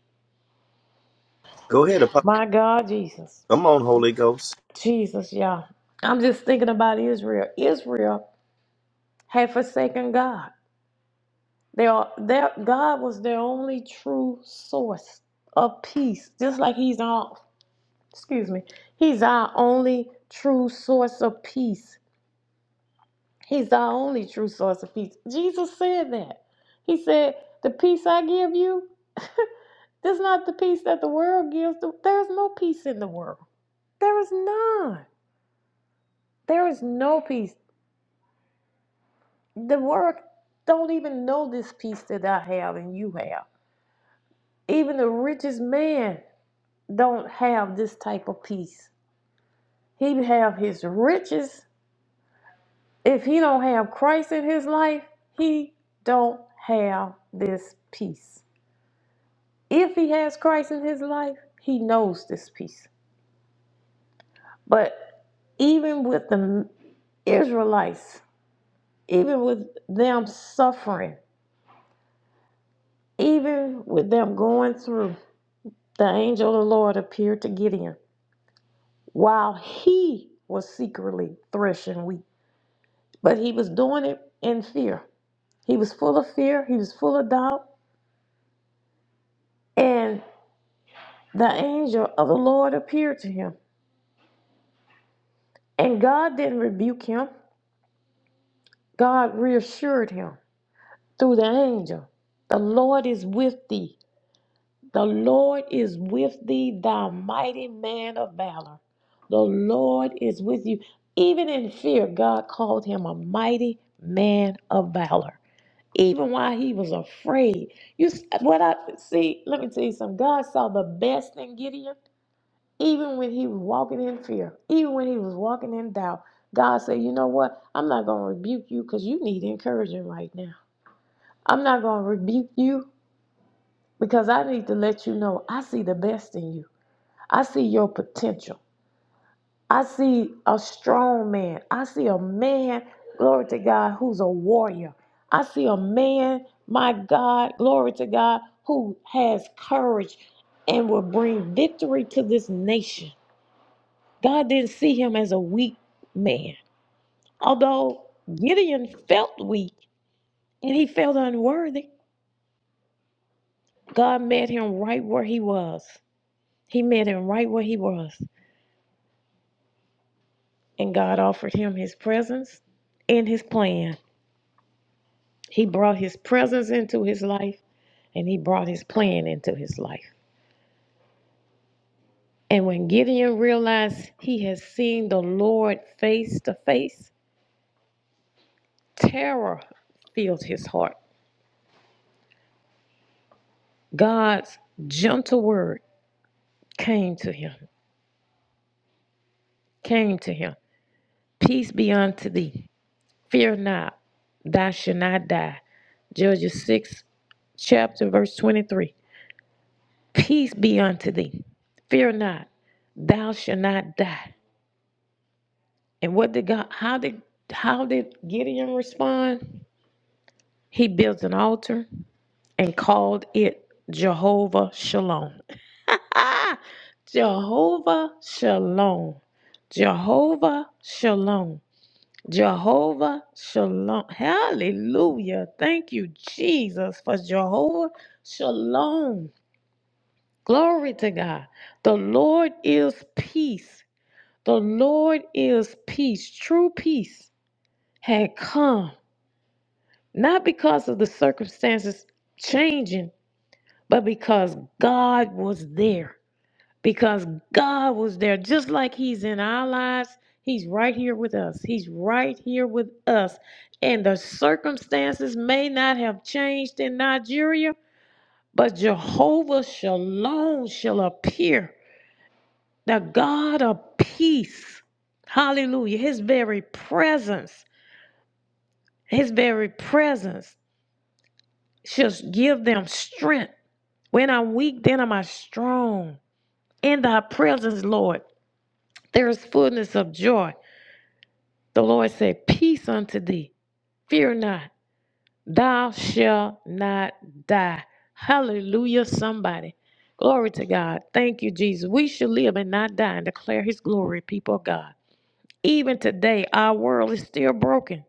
Speaker 3: Go ahead, Apostle.
Speaker 1: My God, Jesus.
Speaker 3: Come on, Holy Ghost.
Speaker 1: Jesus, y'all. I'm just thinking about Israel. Israel had forsaken God. They are their, God was their only true source of peace, just like He's our. excuse me, he's our only true source of peace. He's our only true source of peace. Jesus said that. He said, The peace I give you, that's not the peace that the world gives. There's no peace in the world. There is none. There is no peace. The world don't even know this peace that I have and you have. Even the richest man don't have this type of peace. He have his riches If he don't have Christ in his life, he don't have this peace. If he has Christ in his life, he knows this peace. But even with the Israelites, even with them suffering, even with them going through, the angel of the Lord appeared to Gideon while he was secretly threshing wheat. But he was doing it in fear. He was full of fear, he was full of doubt. and. The angel of the Lord appeared to him, and God didn't rebuke him. God reassured him through the angel The Lord is with thee. The Lord is with thee, thou mighty man of valor. The Lord is with you. Even in fear, God called him a mighty man of valor. Even while he was afraid, you s- what I see. Let me tell you something. God saw the best in Gideon Even when he was walking in fear, even when he was walking in doubt, God said, You know what? I'm not going to rebuke you because you need encouragement right now. I'm not going to rebuke you because I need to let you know I see the best in you. I see your potential. I see a strong man. I see a man, glory to God, who's a warrior. I see a man, my God, glory to God, who has courage and will bring victory to this nation. God didn't see him as a weak man. Although Gideon felt weak and he felt unworthy, God met him right where he was. He met him right where he was. And God offered him his presence and his plan. He brought his presence into his life and he brought his plan into his life. And when Gideon realized he had seen the Lord face to face, terror filled his heart. God's gentle word came to him. came to him. Peace be unto thee. Fear not, thou shalt not die. Judges 6, chapter, verse 23. Peace be unto thee. Fear not, thou shalt not die. And what did God, how did, how did Gideon respond? He built an altar and called it Jehovah Shalom. Jehovah Shalom. Jehovah Shalom. Jehovah Shalom. Hallelujah. Thank you, Jesus, for Jehovah Shalom. Glory to God. The Lord is peace. The Lord is peace. True peace had come, not because of the circumstances changing, but because God was there. because God was there just like He's in our lives. He's right here with us. He's right here with us. And the circumstances may not have changed in Nigeria, but Jehovah Shalom shall appear, the God of peace. Hallelujah. His very presence, His very presence shall give them strength. When I'm weak, then am I strong. In thy presence, Lord, there is fullness of joy The Lord said, Peace unto thee. Fear not. Thou shalt not die. Hallelujah, somebody. Glory to God. Thank you, Jesus. We should live and not die and declare his glory, people of God. Even today, our world is still broken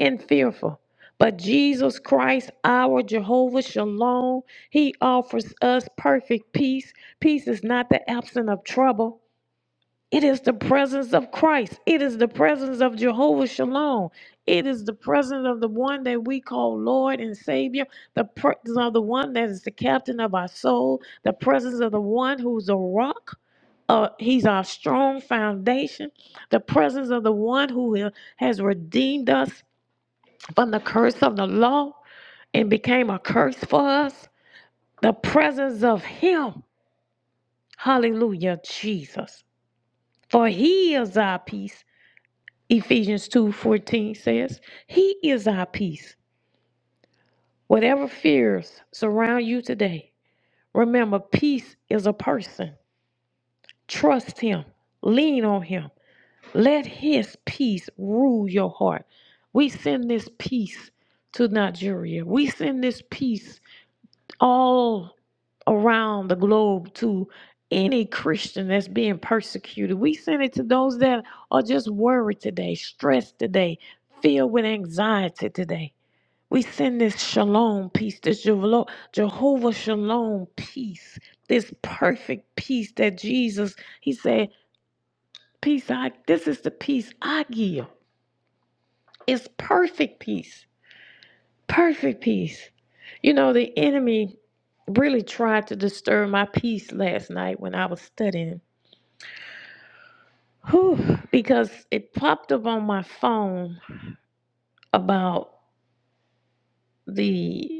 Speaker 1: and fearful. But Jesus Christ, our Jehovah Shalom, he offers us perfect peace. Peace is not the absence of trouble. It is the presence of Christ. It is the presence of Jehovah Shalom. It is the presence of the one that we call Lord and Savior, the presence of the one that is the captain of our soul, the presence of the one who's a rock. Uh, he's our strong foundation, the presence of the one who has redeemed us from the curse of the law and became a curse for us, the presence of Him. Hallelujah, Jesus. For He is our peace. Ephesians 2:14 says, "He is our peace. Whatever fears surround you today, remember peace is a person. Trust him. Lean on him. Let his peace rule your heart." We send this peace to Nigeria. We send this peace all around the globe to any Christian that's being persecuted. We send it to those that are just worried today, stressed today, filled with anxiety today. We send this shalom peace, this Jevelo- Jehovah shalom peace, this perfect peace that Jesus, he said, peace I, this is the peace I give. It's perfect peace, perfect peace. You know, the enemy really tried to disturb my peace last night when I was studying. Whew, because it popped up on my phone about the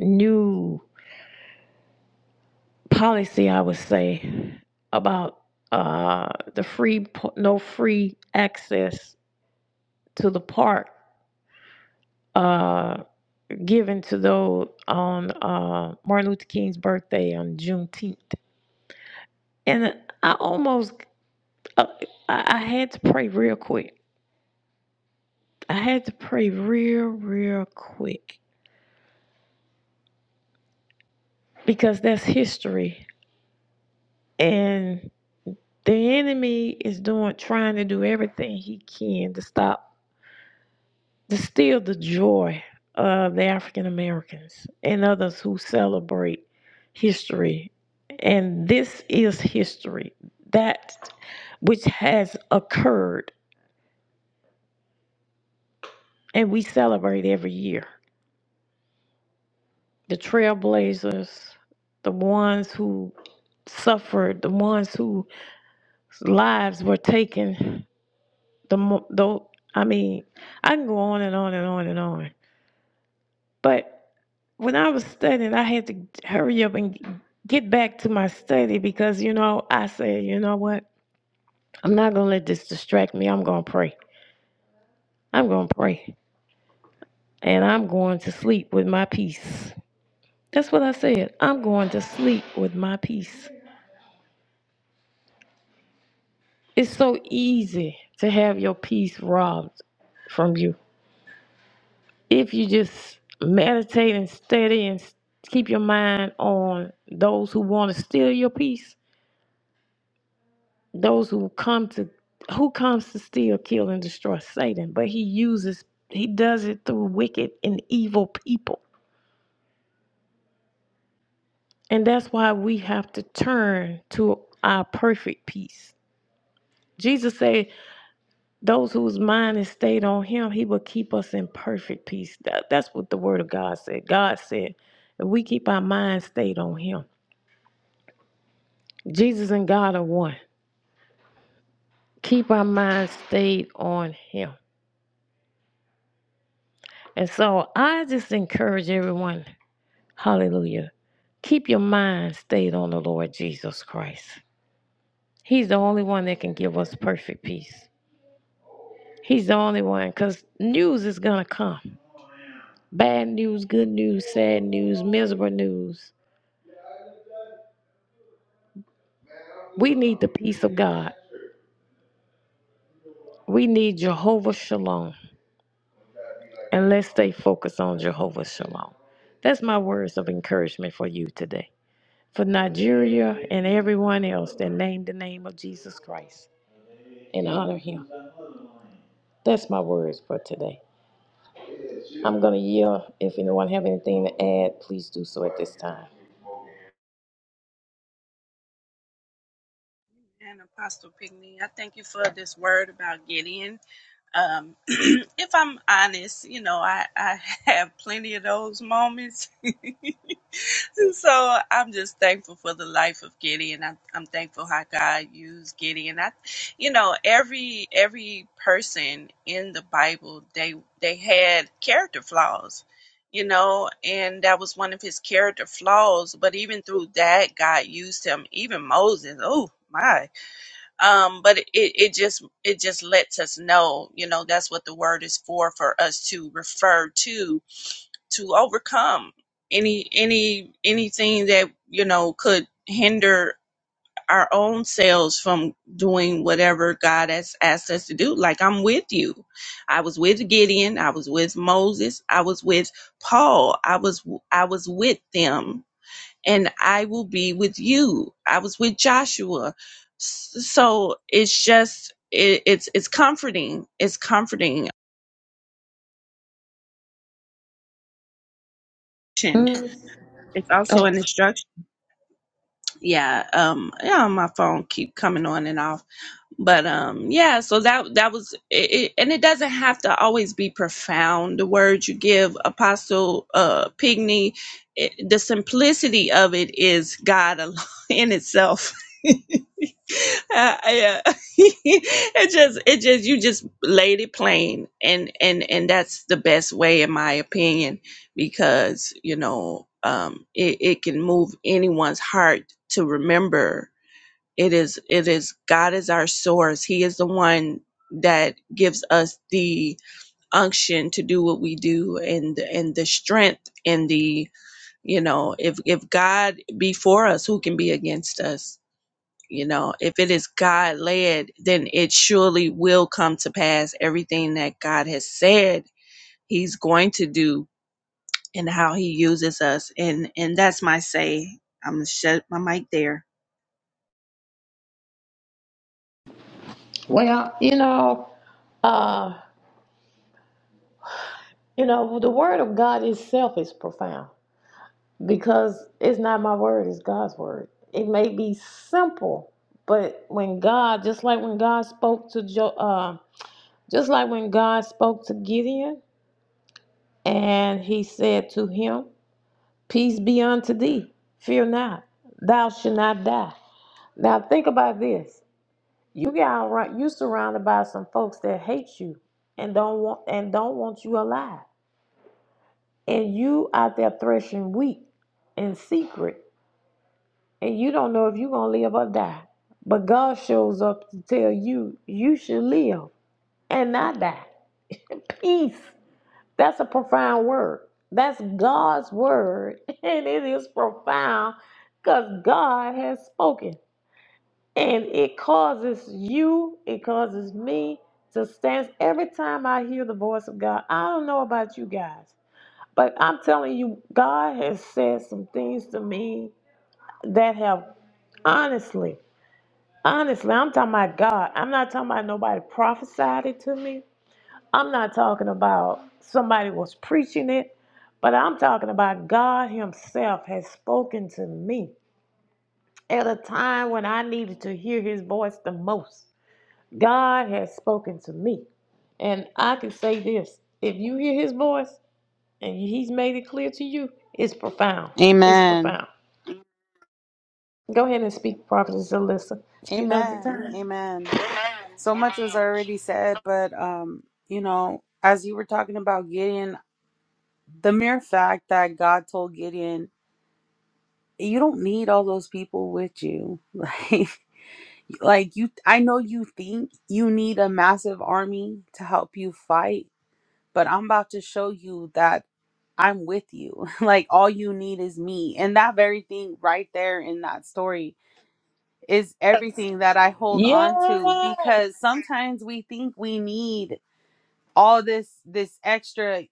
Speaker 1: new policy, I would say, about uh, the free no free access to the park uh, given to those on uh, Martin Luther King's birthday on Juneteenth, and I almost uh, I I had to pray real quick. I had to pray real real quick because that's history and. The enemy is doing, trying to do everything he can to stop Distill the joy of the African Americans and others who celebrate history. And this is history that which has occurred, and we celebrate every year. The trailblazers, the ones who suffered, the ones whose lives were taken. The, mo- the I mean, I can go on and on and on and on. But when I was studying, I had to hurry up and get back to my study because, you know, I said, you know what? I'm not going to let this distract me. I'm going to pray. I'm going to pray. And I'm going to sleep with my peace. That's what I said. I'm going to sleep with my peace. It's so easy to have your peace robbed from you. If you just meditate and study and s- keep your mind on those who want to steal your peace, those who come to who comes to steal, kill, and destroy Satan, but he uses he does it through wicked and evil people. And that's why we have to turn to our perfect peace. Jesus said, Those whose mind is stayed on him, he will keep us in perfect peace. That- that's what the word of God said. God said, if we keep our mind stayed on him. Jesus and God are one. Keep our mind stayed on him. And so I just encourage everyone. Hallelujah. Keep your mind stayed on the Lord Jesus Christ. He's the only one that can give us perfect peace. He's the only one because news is going to come bad news, good news, sad news, miserable news. We need the peace of God. We need Jehovah Shalom. And let's stay focused on Jehovah Shalom. That's my words of encouragement for you today. For Nigeria and everyone else that named the name of Jesus Christ and honor him. That's my words for today. I'm gonna yield. If anyone have anything to add, please do so at this time.
Speaker 4: And Apostle Pigney, I thank you for this word about Gideon. Um, if I'm honest, you know, I, I have plenty of those moments. so I'm just thankful for the life of Gideon. I'm, I'm thankful how God used Gideon. I, you know, every every person in the Bible they they had character flaws, you know, and that was one of his character flaws. But even through that, God used him. Even Moses. Oh my. Um. But it it just it just lets us know, you know, that's what the word is for for us to refer to to overcome any any anything that you know could hinder our own selves from doing whatever God has asked us to do. Like I'm with you. I was with Gideon, I was with Moses, I was with Paul. I was I was with them and I will be with you. I was with Joshua. S- So it's just it, it's it's comforting. It's comforting. It's
Speaker 1: Mm,
Speaker 4: also
Speaker 1: oh,
Speaker 4: an instruction yeah um yeah my phone keep coming on and off but um yeah so that that was it, it- and it doesn't have to always be profound the words you give apostle uh pigney it, the simplicity of it is god alone in itself uh, yeah. it just it just you just laid it plain and and and that's the best way in my opinion because you know um it, it can move anyone's heart to remember it is it is god is our source he is the one that gives us the unction to do what we do and and the strength and the you know if if god be for us who can be against us you know, if it is God led, then it surely will come to pass everything that God has said He's going to do and how He uses us. And and that's my say. I'm gonna shut my mic there.
Speaker 1: you know, uh, you know, the word of God itself is profound because it's not my word, it's God's word. It may be simple, but when God, just like when God spoke to jo- uh, just like when God spoke to Gideon and he said to him, Peace be unto thee, fear not, thou shalt not die. Now think about this. You got right. You surrounded by some folks that hate you and don't want and don't want you alive. And you out there threshing wheat in secret, and you don't know if you're gonna live or die. But God shows up to tell you you should live and not die. Peace. That's a profound word. That's God's word, and it is profound because God has spoken. And it causes you, it causes me to stand. Every time I hear the voice of God, I don't know about you guys, but I'm telling you, God has said some things to me that have honestly, honestly, I'm talking about God. I'm not talking about nobody prophesied it to me. I'm not talking about somebody was preaching it, but I'm talking about God Himself has spoken to me at a time when I needed to hear His voice the most. God has spoken to me. And I can say this if you hear his voice and he's made it clear to you, it's profound. It's
Speaker 2: amen
Speaker 1: profound. Go ahead and speak, Prophetess Alyssa. You know the
Speaker 2: amen
Speaker 1: time.
Speaker 2: amen so much was already said, but um, you know, as you were talking about Gideon, the mere fact that God told Gideon, you don't need all those people with you. Like like you I know you think you need a massive army to help you fight, but I'm about to show you that I'm with you. Like all you need is me. And that very thing right there in that story is everything that I hold
Speaker 1: Yes.
Speaker 2: on to because sometimes we think we need all this this extra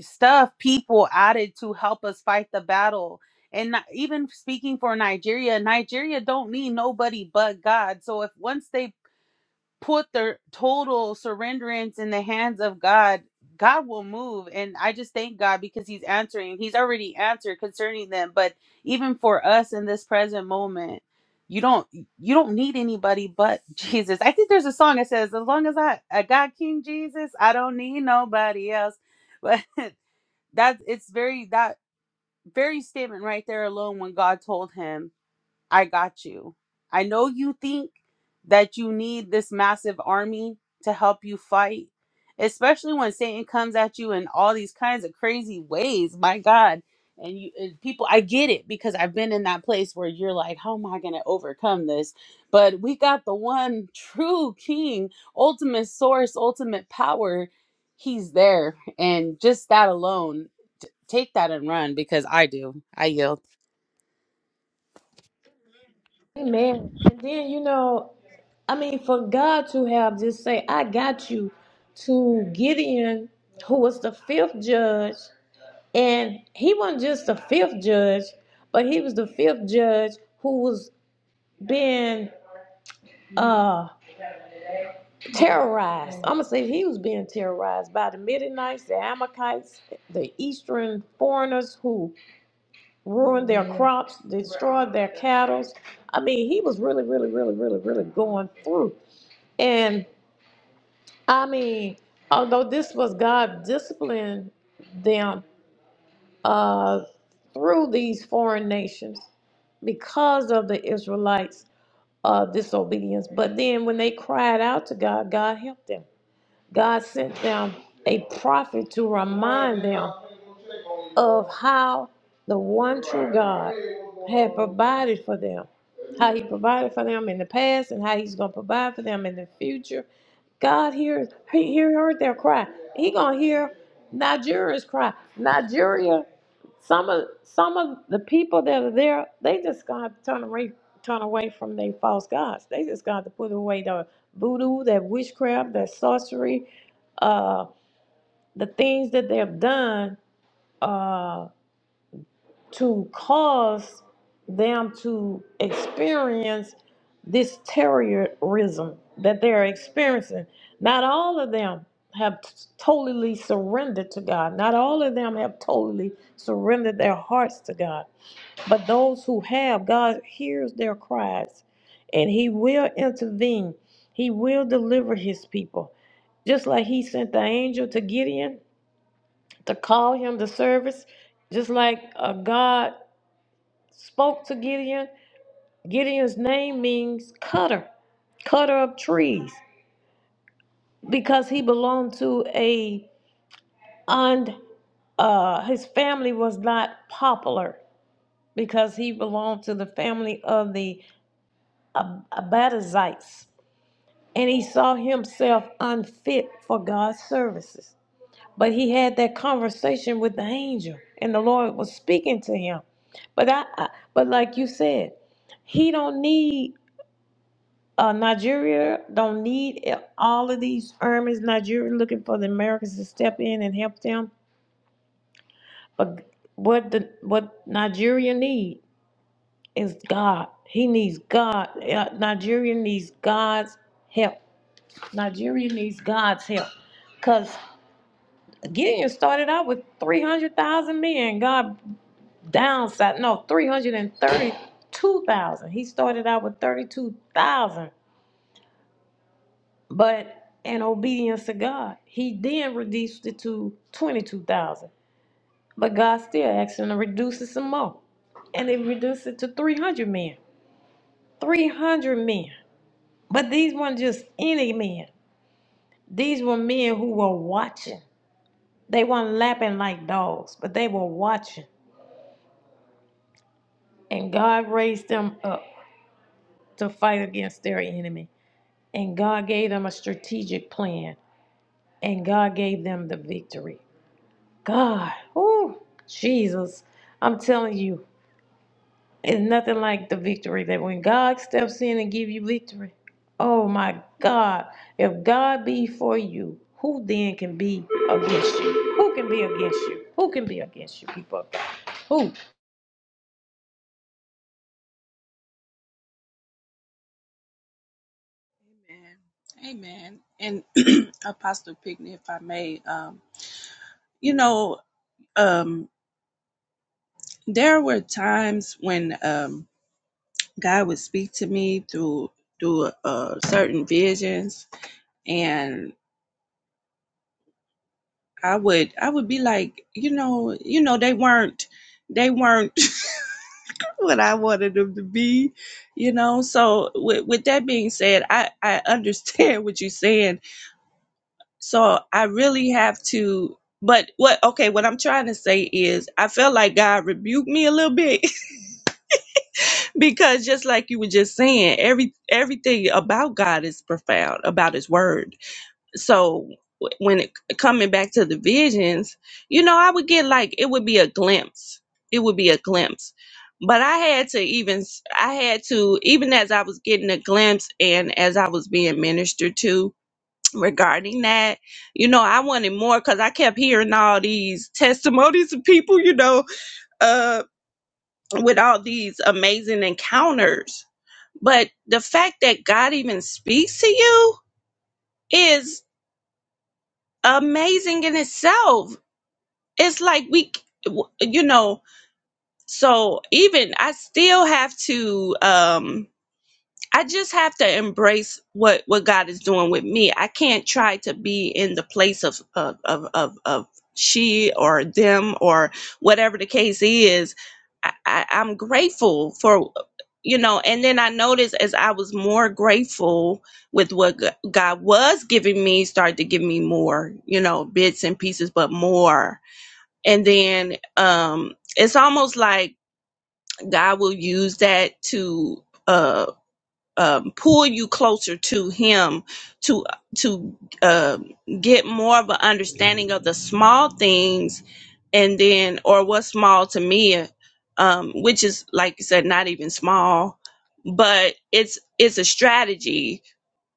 Speaker 2: stuff people added to help us fight the battle and not, even speaking for nigeria nigeria don't need nobody but god so if once they put their total surrenderance in the hands of God, God will move. And I just thank God because He's answering. He's already answered concerning them. But even for us in this present moment, you don't you don't need anybody but Jesus. I think there's a song that says, "As long as I, I got King Jesus, I don't need nobody else." But that it's very that very statement right there alone when God told him I got you. I know you think that you need this massive army to help you fight, especially when Satan comes at you in all these kinds of crazy ways. My God. And you and people, I get it because I've been in that place where you're like, how am I going to overcome this? But we got the one true king, ultimate source, ultimate power. He's there. And just that alone, t- take that and run because I do. I yield.
Speaker 1: Amen. And then, you know, I mean, for God to have just say, I got you to Gideon, who was the fifth judge, and he wasn't just the fifth judge, but he was the fifth judge who was being uh. terrorized. I'm gonna say he was being terrorized by the Midianites, the Amalekites, the Eastern foreigners who ruined their crops, destroyed their cattle. I mean, he was really, really, really, really, really going through. And I mean, although this was God disciplining them uh, through these foreign nations because of the Israelites' uh, disobedience, but then when they cried out to God, God helped them. God sent them a prophet to remind them of how the one true God had provided for them, how He provided for them in the past, and how He's going to provide for them in the future. God hears, He, he heard their cry. He gonna hear Nigeria's cry. Nigeria, some of some of the people that are there, they just gonna have to turn away, turn away from their false gods. They just gonna have to put away the voodoo, that witchcraft, that sorcery, uh, the things that they have done uh, to cause them to experience this terrorism that they're experiencing. Not all of them have t- totally surrendered to God. Not all of them have totally surrendered their hearts to God. But those who have, God hears their cries and He will intervene. He will deliver His people. Just like He sent the angel to Gideon to call him to service, just like uh, God spoke to Gideon. Gideon's name means cutter, cutter of trees, because he belonged to a and uh, his family was not popular because he belonged to the family of the Ab- Abadazites, and he saw himself unfit for God's services. But he had that conversation with the angel, and the Lord was speaking to him. But I, I but like you said, he don't need uh, Nigeria. Don't need e, all of these armies. Nigeria looking for the Americans to step in and help them. But what the what Nigeria need is God. He needs God. Uh, Nigeria needs God's help. Nigeria needs God's help. Cause Gideon started out with three hundred thousand men. God downside no 332,000. He started out with 32,000, but in obedience to God, he then reduced it to 22,000. But God still asked him to reduce it some more. And they reduced it to 300 men. 300 men. But these weren't just any men. These were men who were watching. They weren't lapping like dogs, but they were watching. And God raised them up to fight against their enemy. And God gave them a strategic plan. And God gave them the victory. God, oh, Jesus, I'm telling you, it's nothing like the victory that when God steps in and give you victory, oh my God, if God be for you, who then can be against you? Who can be against you? Who can be against you, people? of God? Who?
Speaker 4: Amen. Amen. And Apostle Pickney, if I may, um, you know, um, there were times when um, God would speak to me through through uh, certain visions, and. I would I would be like, you know, you know, they weren't they weren't what I wanted them to be, you know. So with with that being said, I I understand what you're saying. So I really have to but what okay, what I'm trying to say is I felt like God rebuked me a little bit because just like you were just saying, every everything about God is profound, about his word so w- when it coming back to the visions you know i would get like it would be a glimpse it would be a glimpse but i had to even s- i had to even as i was getting a glimpse and as i was being ministered to regarding that you know i wanted more because i kept hearing all these testimonies of people you know uh with all these amazing encounters but the fact that god even speaks to you is amazing in itself it's like we you know so even i still have to um i just have to embrace what what god is doing with me i can't try to be in the place of of of of, of she or them or whatever the case is I, I i'm grateful for you know and then i noticed as i was more grateful with what G- god was giving me started to give me more you know bits and pieces but more and then um it's almost like god will use that to uh um, pull you closer to him to to uh, get more of an understanding of the small things and then or what's small to me um which is like you said not even small but it's it's a strategy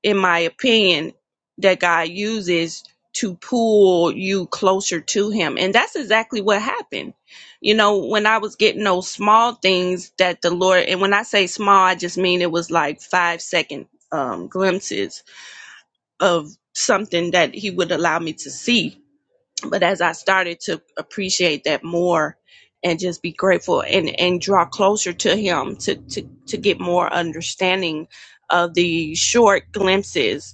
Speaker 4: in my opinion, that God uses to pull you closer to Him. And that's exactly what happened. You know, when I was getting those small things that the Lord, and when I say small, I just mean it was like five second um, glimpses of something that He would allow me to see. But as I started to appreciate that more, and just be grateful and, and draw closer to him to, to, to get more understanding of the short glimpses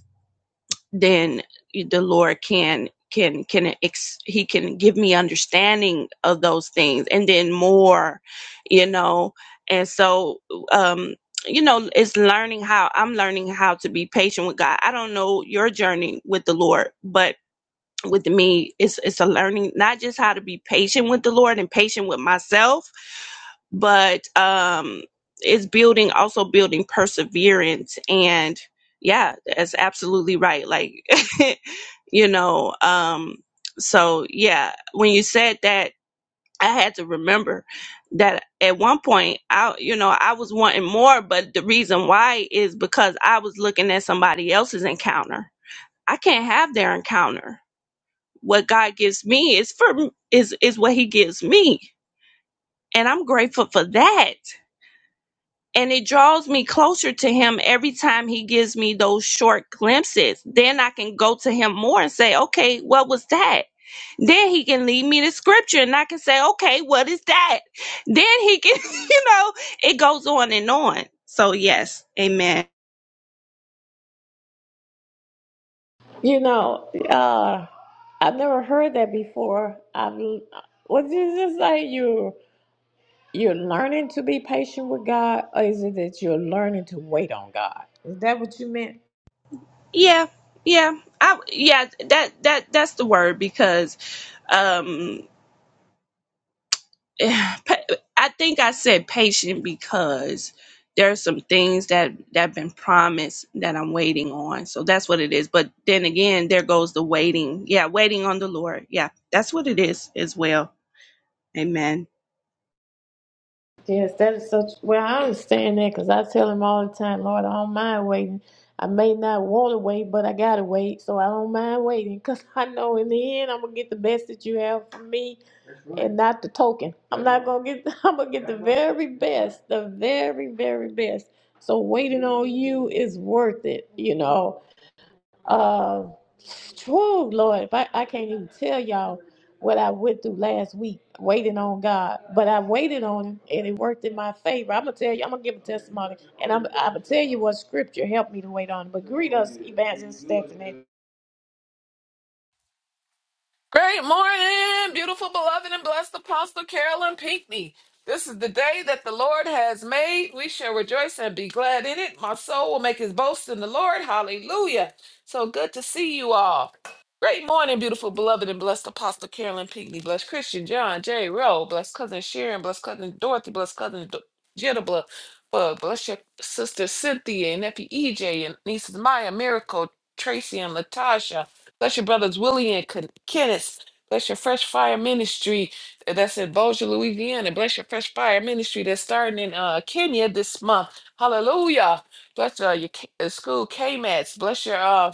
Speaker 4: then the Lord can can can ex, he can give me understanding of those things and then more you know and so um you know it's learning how I'm learning how to be patient with God I don't know your journey with the Lord but with me it's it's a learning not just how to be patient with the lord and patient with myself but um it's building also building perseverance and yeah that's absolutely right like you know um so yeah when you said that i had to remember that at one point i you know i was wanting more but the reason why is because i was looking at somebody else's encounter i can't have their encounter what God gives me is for is is what he gives me. And I'm grateful for that. And it draws me closer to him every time he gives me those short glimpses. Then I can go to him more and say, "Okay, what was that?" Then he can lead me to scripture and I can say, "Okay, what is that?" Then he can, you know, it goes on and on. So yes, amen.
Speaker 1: You know, uh, I've never heard that before. I've was this just like you? You're learning to be patient with God, or is it that you're learning to wait on God? Is that what you meant?
Speaker 4: Yeah. Yeah. I yeah, that that that's the word because um pa- I think I said patient because there are some things that that have been promised that I'm waiting on. So that's what it is. But then again, there goes the waiting. Yeah, waiting on the Lord. Yeah, that's what it is as well. Amen.
Speaker 1: Yes, that is such. Well, I understand that because I tell him all the time, Lord, I don't mind waiting. I may not want to wait, but I gotta wait, so I don't mind waiting because I know in the end I'm gonna get the best that you have for me, That's right. and not the token. I'm not right. gonna get. I'm gonna get the That's right. very best, the very very best. So waiting on you is worth it, you know Uh, true Lord, I, I can't even tell y'all what I went through last week waiting on God. But I waited on Him, and it worked in my favor. I'm gonna tell you, I'm gonna give a testimony, and I'm, I'm gonna tell you what Scripture helped me to wait on. But greet us, Evangelist Stephanie.
Speaker 5: Great morning, beautiful, beloved, and blessed Apostle Carolyn Pinckney. This is the day that the Lord has made. We shall rejoice and be glad in it. My soul will make his boast in the Lord. Hallelujah. So good to see you all. Great morning, beautiful, beloved, and blessed Apostle Carolyn Pinckney. Bless Christian John J. Rowe. Bless Cousin Sharon. Bless Cousin Dorothy. Bless Cousin Do- Jetta. Bl- uh, Bless your sister Cynthia and nephew EJ and nieces Maya, Miracle, Tracy, and Latasha. Bless your brothers Willie and Ken- Kenneth. Bless your Fresh Fire Ministry uh, that's in Bossier, Louisiana. Bless your Fresh Fire Ministry that's starting in uh, Kenya this month. Hallelujah. Bless uh, your K- uh, school KMATs. Bless your uh,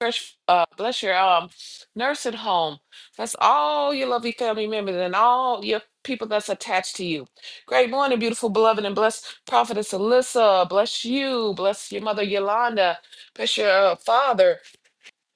Speaker 5: fresh. Uh, bless your um, nursing home. Bless all your lovely family members and all your people that's attached to you. Great morning, beautiful beloved, and bless Prophetess Alyssa. Bless you. Bless your mother Yolanda. Bless your uh, father.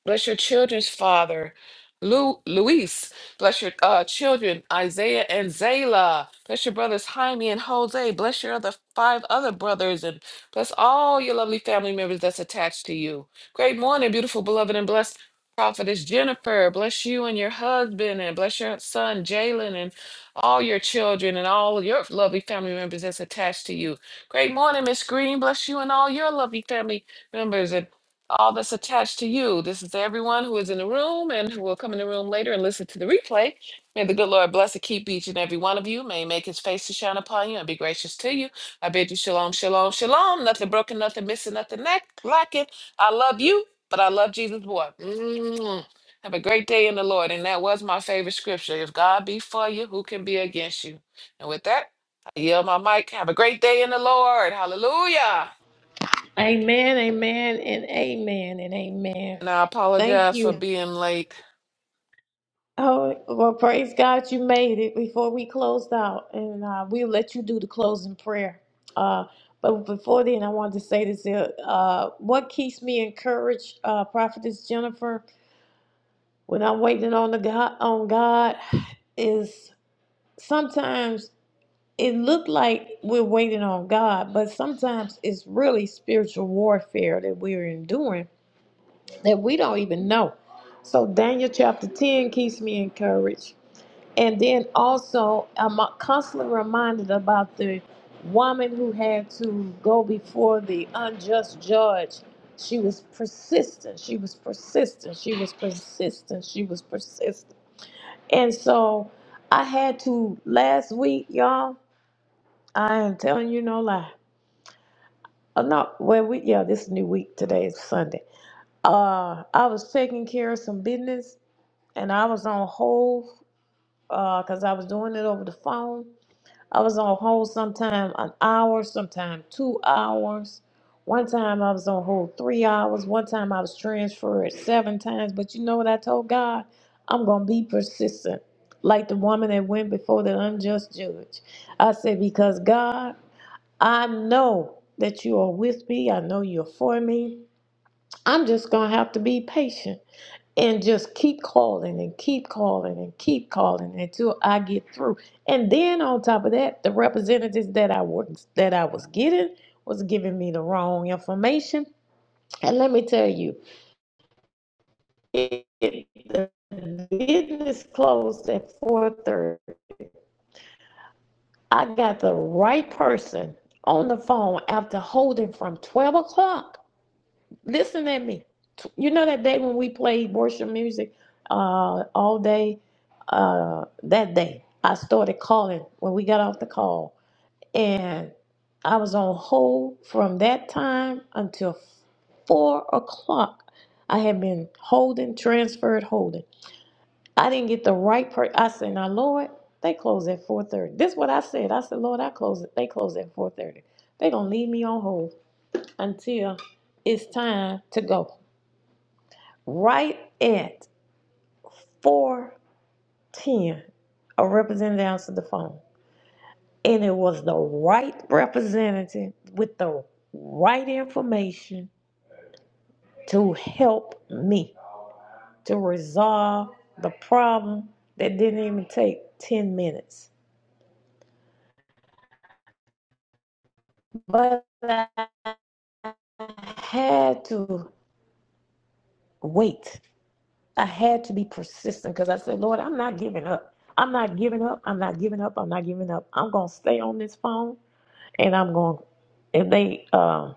Speaker 5: Bless your children's father, Lu- Luis. Bless your uh, children, Isaiah and Zayla. Bless your brothers, Jaime and Jose. Bless your other five other brothers, and bless all your lovely family members that's attached to you. Great morning, beautiful, beloved, and blessed prophetess Jennifer. Bless you and your husband, and bless your son, Jalen, and all your children, and all of your lovely family members that's attached to you. Great morning, Miss Green. Bless you and all your lovely family members. and all that's attached to you. This is everyone who is in the room and who will come in the room later and listen to the replay. May the good Lord bless and keep each and every one of you. May he make his face to shine upon you and be gracious to you. I bid you shalom, shalom, shalom. Nothing broken, nothing missing, nothing lack- lacking. I love you, but I love Jesus more. Mm. Have a great day in the Lord. And that was my favorite scripture. If God be for you, who can be against you? And with that, I yield my mic. Have a great day in the Lord. Hallelujah.
Speaker 1: Amen, amen, and amen, and amen.
Speaker 5: And I
Speaker 1: Thank
Speaker 5: apologize for
Speaker 1: you.
Speaker 5: being late.
Speaker 1: Oh, well, praise God you made it before we closed out, and uh, we'll let you do the closing prayer. Uh, but before then, I wanted to say this here. Uh, what keeps me encouraged, uh, Prophetess Jennifer, when I'm waiting on the God, on God, is sometimes it looked like we're waiting on God, but sometimes it's really spiritual warfare that we're enduring that we don't even know. So Daniel chapter 10 keeps me encouraged. And then also, I'm constantly reminded about the woman who had to go before the unjust judge. She was persistent. She was persistent. She was persistent. She was persistent. And so I had to last week, y'all. I am telling you no lie. Oh, no, well, we yeah, this is new week. Today is Sunday. Uh, I was taking care of some business, and I was on hold because I was doing it over the phone I was on hold sometime an hour, sometime two hours. One time I was on hold three hours. One time I was transferred seven times. But you know what I told God? I'm going to be persistent, like the woman that went before the unjust judge. I said, Because God, I know that you are with me. I know you're for me. I'm just going to have to be patient and just keep calling and keep calling and keep calling until I get through. And then on top of that, the representatives that I was that I was getting was giving me the wrong information. And let me tell you, it, it- the business closed at four thirty. I got the right person on the phone after holding from twelve o'clock listen at me. You know that day when we played worship music uh, all day? Uh, that day, I started calling when we got off the call. And I was on hold from that time until four o'clock. I had been holding, transferred, holding. I didn't get the right per. I said, "Now, Lord, they close at four thirty." This is what I said. I said, "Lord, I close. it. They close at 4:30. They're gonna leave me on hold until it's time to go." right at 410, a representative answered the phone. And it was the right representative with the right information to help me to resolve the problem that didn't even take 10 minutes. But I had to wait. I had to be persistent because I said, Lord, I'm not giving up. I'm not giving up. I'm not giving up. I'm not giving up. I'm going to stay on this phone. and I'm going. If they uh,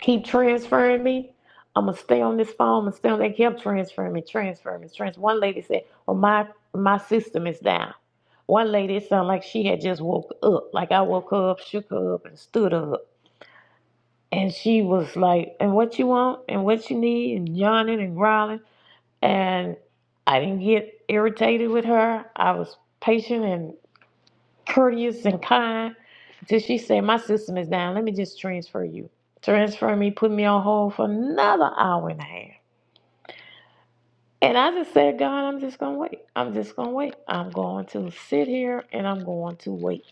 Speaker 1: keep transferring me, I'm gonna stay on this phone. and still they kept transferring me, transferring me, transfer. One lady said, "Well, my my system is down." One lady it sounded like she had just woke up. Like I woke her up, shook her up, and stood her up. And she was like, "And what you want? And what you need?" And yawning and growling. And I didn't get irritated with her. I was patient and courteous and kind until she said, My system is down. Let me just transfer you. Transfer me, put me on hold for another hour and a half. And I just said, God, I'm just going to wait. I'm just going to wait. I'm going to sit here and I'm going to wait.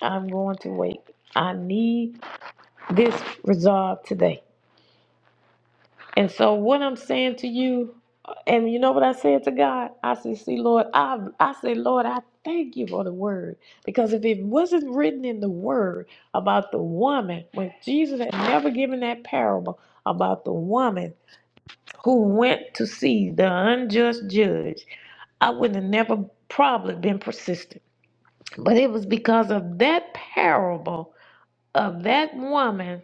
Speaker 1: I'm going to wait. I need this resolve today. And so what I'm saying to you, and you know what I said to God? I said, see, Lord, I I said, Lord, I thank you for the word. Because if it wasn't written in the word about the woman, when Jesus had never given that parable about the woman who went to see the unjust judge, I would have never probably been persistent. But it was because of that parable of that woman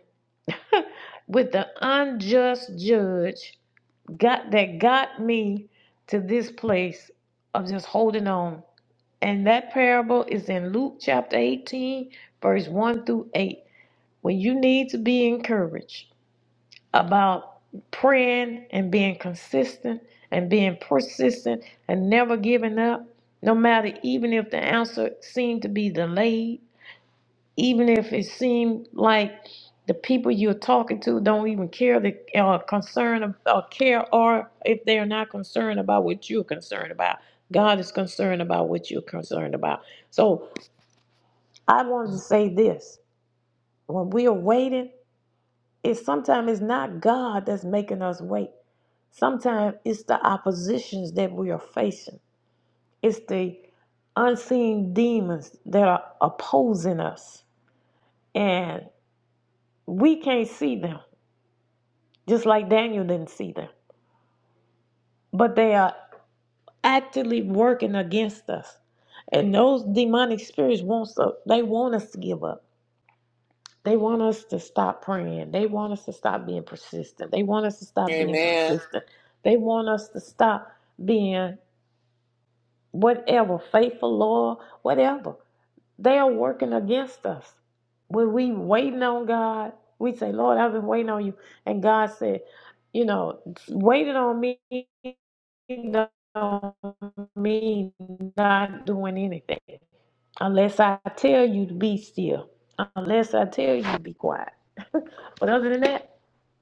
Speaker 1: with the unjust judge got that got me to this place of just holding on. And that parable is in Luke chapter 18, verse 1 through 8. When you need to be encouraged about praying and being consistent and being persistent and never giving up, no matter even if the answer seemed to be delayed even if it seemed like the people you're talking to don't even care the or concern ab- or care or if they're not concerned about what you're concerned about god is concerned about what you're concerned about so i wanted to say this when we are waiting it's sometimes it's not god that's making us wait sometimes it's the oppositions that we are facing it's the unseen demons that are opposing us and we can't see them just like Daniel didn't see them. But they are actively working against us. And those demonic spirits want us, they want us to give up. They want us to stop praying. They want us to stop being persistent. They want us to stop being
Speaker 5: Amen.
Speaker 1: consistent. They want us to stop being whatever, faithful, loyal, whatever. They are working against us. When we waiting on God, we say, Lord, I've been waiting on you. And God said, you know, waited on me. don't mean not doing anything unless I tell you to be still, unless I tell you to be quiet. But other than that,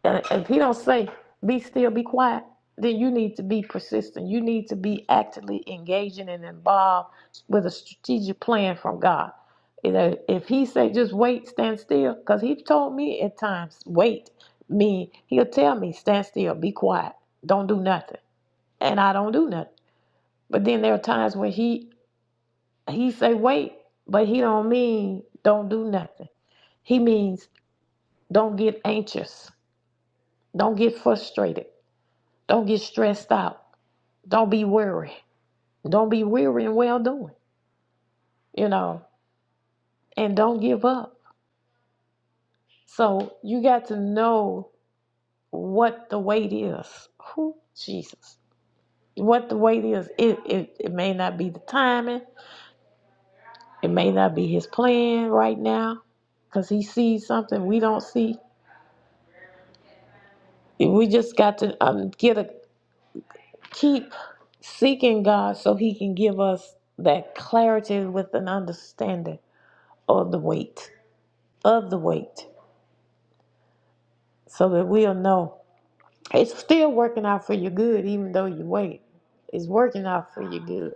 Speaker 1: uh, if he don't say be still, be quiet, then you need to be persistent. You need to be actively engaging and involved with a strategic plan from God. You know, if he say just wait, stand still, because he told me at times wait. Me, he'll tell me stand still, be quiet, don't do nothing, and I don't do nothing. But then there are times when he he say wait, but he don't mean don't do nothing. He means don't get anxious, don't get frustrated, don't get stressed out, don't be weary, don't be weary and well doing, you know, and don't give up. So you got to know what the weight is. Who Jesus. What the weight is, it, it, it may not be the timing. It may not be his plan right now because he sees something we don't see We just got to um, get a keep seeking God so He can give us that clarity with an understanding of the weight of the weight, so that we'll know it's still working out for your good, even though you wait. It's working out for your good.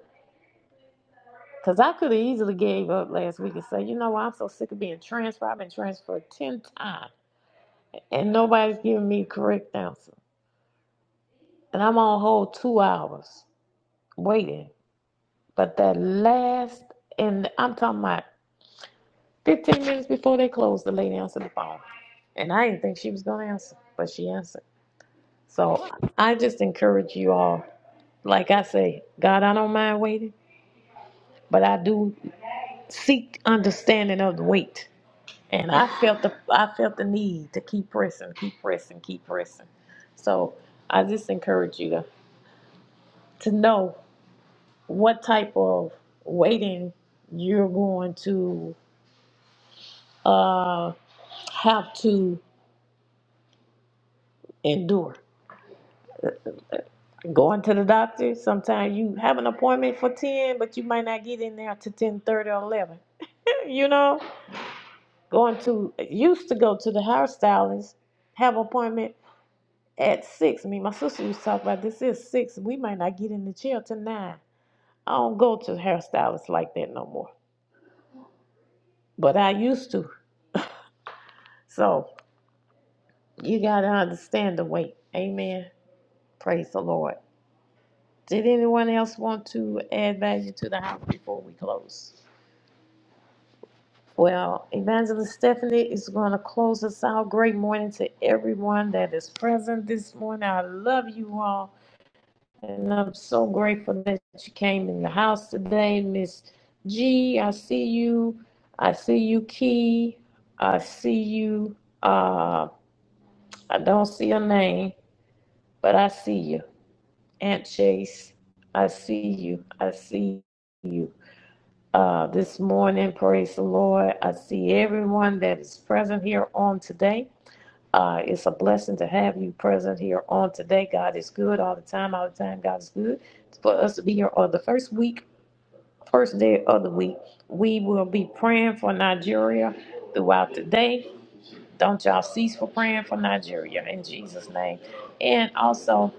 Speaker 1: Cause I could have easily gave up last week and say, you know what, I'm so sick of being transferred. I've been transferred ten times and nobody's giving me a correct answer, and I'm on hold two hours waiting But that last, and I'm talking about 15 minutes before they closed, the lady answered the phone. And I didn't think she was going to answer, but she answered. So I just encourage you all, like I say, God, I don't mind waiting, but I do seek understanding of the wait. And I felt the I felt the need to keep pressing, keep pressing, keep pressing. So I just encourage you to to know what type of waiting you're going to uh, have to endure. Going to the doctor, sometimes you have an appointment for ten, but you might not get in there to ten thirty or eleven. You know, going to used to go to the hairstylist, have appointment at six. Me, and my sister used to talk about this is six. We might not get in the chair till nine. I don't go to hairstylists like that no more. But I used to. So you gotta understand the weight. Amen. Praise the Lord. Did anyone else want to add value to the house before we close? Well, Evangelist Stephanie is going to close us out. Great morning to everyone that is present this morning. I love you all. And I'm so grateful that you came in the house today. Miss G, I see you. I see you, Key. I see you. Uh, I don't see your name, but I see you. Aunt Chase, I see you. I see you. uh, this morning. Praise the Lord. I see everyone that is present here on today. Uh, it's a blessing to have you present here on today. God is good all the time, all the time. God is good. For us to be here on the first week, first day of the week, we will be praying for Nigeria throughout the day. Don't y'all cease for praying for Nigeria in Jesus' name. And also,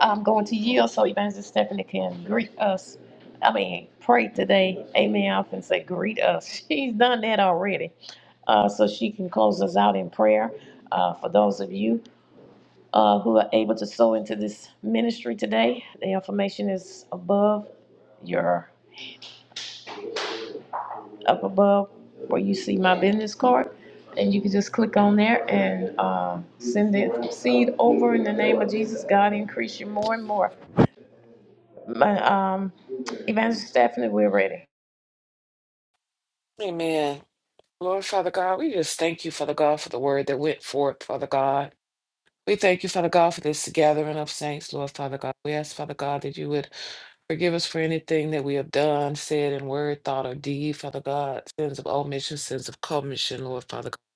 Speaker 1: I'm going to yield so Evangelist Stephanie can greet us. I mean, pray today. Amen. I often say greet us. She's done that already. Uh, so she can close us out in prayer. Uh, for those of you uh, who are able to sow into this ministry today, the information is above your up above where you see my business card. And you can just click on there and uh, send it seed over in the name of Jesus. God increase you more and more. My, um, Evangelist Stephanie, we're ready.
Speaker 5: Amen. Lord, Father God, we just thank you, Father God, for the word that went forth, Father God. We thank you, Father God, for this gathering of saints, Lord, Father God. We ask, Father God, that you would forgive us for anything that we have done, said in word, thought, or deed, Father God, sins of omission, sins of commission, Lord, Father God.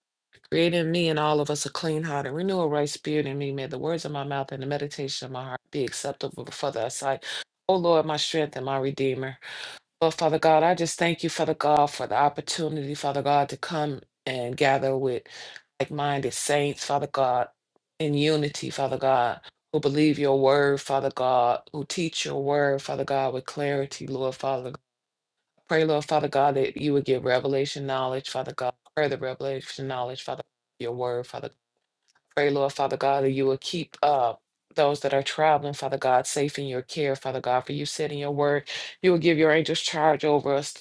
Speaker 5: Create in me and all of us a clean heart and renew a right spirit in me. May the words of my mouth and the meditation of my heart be acceptable before thy sight. O Lord, my strength and my redeemer. Well, Father God, I just thank you, Father God, for the opportunity, Father God, to come and gather with like minded saints, Father God, in unity, Father God, who believe your word, Father God, who teach your word, Father God, with clarity, Lord, Father. Pray, Lord, Father God, that you would give revelation knowledge, Father God, further revelation knowledge, Father, your word, Father. Pray, Lord, Father God, that you would keep uh, those that are traveling, Father God, safe in your care, Father God, for you said in your word, you will give your angels charge over us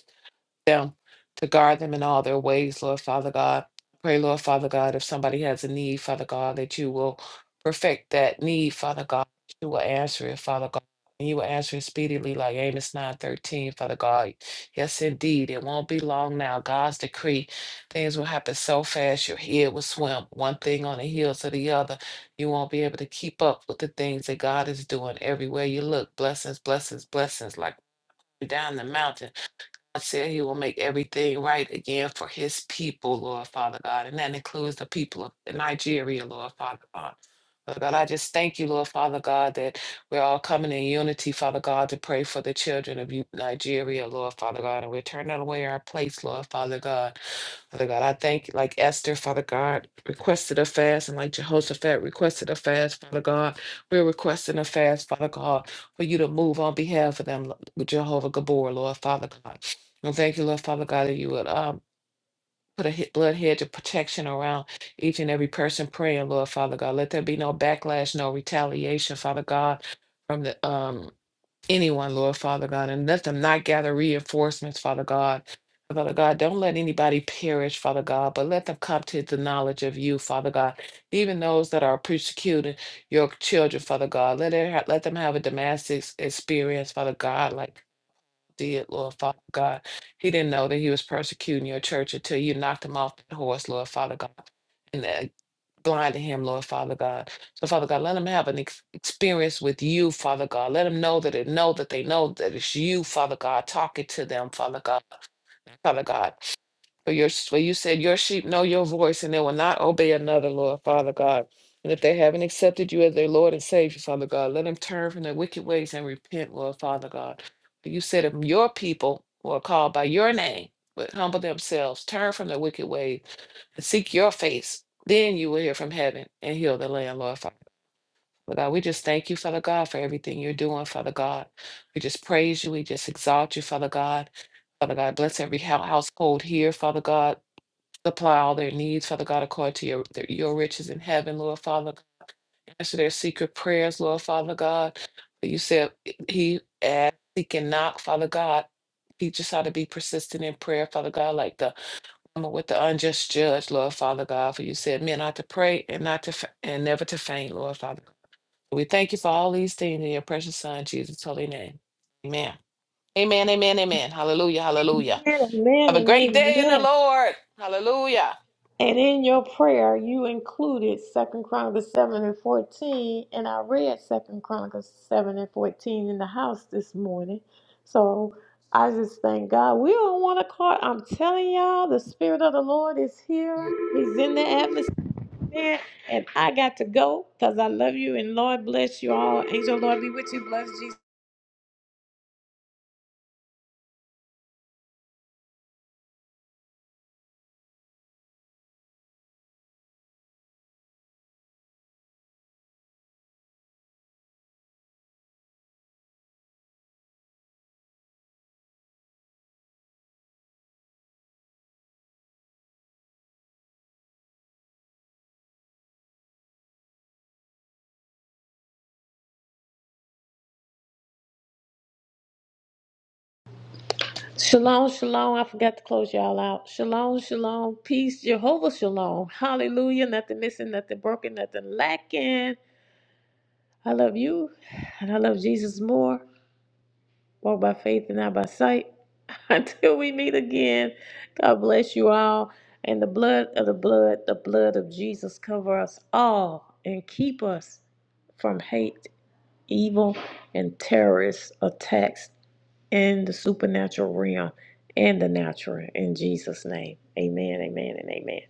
Speaker 5: them to guard them in all their ways, Lord Father God. Pray, Lord Father God, if somebody has a need, Father God, that you will perfect that need, Father God. You will answer it, Father God. And you will answer it speedily, like Amos 9:13, Father God. Yes, indeed. It won't be long now. God's decree. Things will happen so fast your head will swim, one thing on the heels of the other. You won't be able to keep up with the things that God is doing everywhere you look. Blessings, blessings, blessings, like down the mountain said he will make everything right again for his people, Lord Father God. And that includes the people of Nigeria, Lord Father God. Father God, I just thank you, Lord Father God, that we're all coming in unity, Father God, to pray for the children of U- Nigeria, Lord Father God. And we're turning away our place, Lord Father God. Father God, I thank you, like Esther, Father God, requested a fast, and like Jehoshaphat requested a fast, Father God. We're requesting a fast, Father God, for you to move on behalf of them, Lo- Jehovah Gabor, Lord, Father God. And thank you, Lord, Father God, that you would um, put a he- blood hedge of protection around each and every person praying, Lord, Father God. Let there be no backlash, no retaliation, Father God, from the um anyone, Lord Father God, and let them not gather reinforcements, Father God. Father God, don't let anybody perish, Father God, but let them come to the knowledge of you, Father God. Even those that are persecuting your children, Father God, let it ha- let them have a Damascus experience, Father God, like you did Lord Father God. He didn't know that he was persecuting your church until you knocked him off the horse, Lord Father God blind to him, Lord Father God. So, Father God, let him have an ex- experience with you, Father God. Let him know that it know that they know that it's you, Father God, talking to them, Father God. Father God, for your for you said your sheep know your voice and they will not obey another, Lord Father God. And if they haven't accepted you as their Lord and Savior, Father God, let them turn from their wicked ways and repent, Lord Father God. For you said if your people who are called by your name would humble themselves, turn from their wicked ways seek your face, then you will hear from heaven and heal the land, Lord Father. But God, we just thank you, Father God, for everything you're doing, Father God. We just praise you. We just exalt you, Father God. Father God, bless every hou- household here, Father God. Supply all their needs, Father God, according to your, their- your riches in heaven, Lord Father. Answer their secret prayers, Lord Father God. You said he asked, seek, and knock, Father God. Teach us how to be persistent in prayer, Father God, like the with the unjust judge, Lord Father God, for you said men ought to pray and not to fa- and never to faint, Lord Father. We thank you for all these things in your precious Son, Jesus' holy name. Amen. Amen. Amen. Amen. Hallelujah. Hallelujah.
Speaker 1: Amen, amen,
Speaker 5: Have a
Speaker 1: and
Speaker 5: great day in the
Speaker 1: amen.
Speaker 5: Lord. Hallelujah.
Speaker 1: And in your prayer, you included Second Chronicles seven and fourteen, and I read Second Chronicles seven and fourteen in the house this morning. So I just thank God. We don't want to call. I'm telling y'all, the Spirit of the Lord is here. He's in the atmosphere, and I got to go because I love you and Lord bless you all. Angel, Lord be with you. Bless Jesus. Shalom, shalom. I forgot to close y'all out. Shalom, shalom. Peace, Jehovah, shalom. Hallelujah. Nothing missing, nothing broken, nothing lacking. I love you and I love Jesus more. Walk by faith and not by sight. Until we meet again, God bless you all. And the blood of the blood, the blood of Jesus cover us all and keep us from hate evil and terrorist attacks in the supernatural realm and the natural. In Jesus' name, amen, amen, and amen.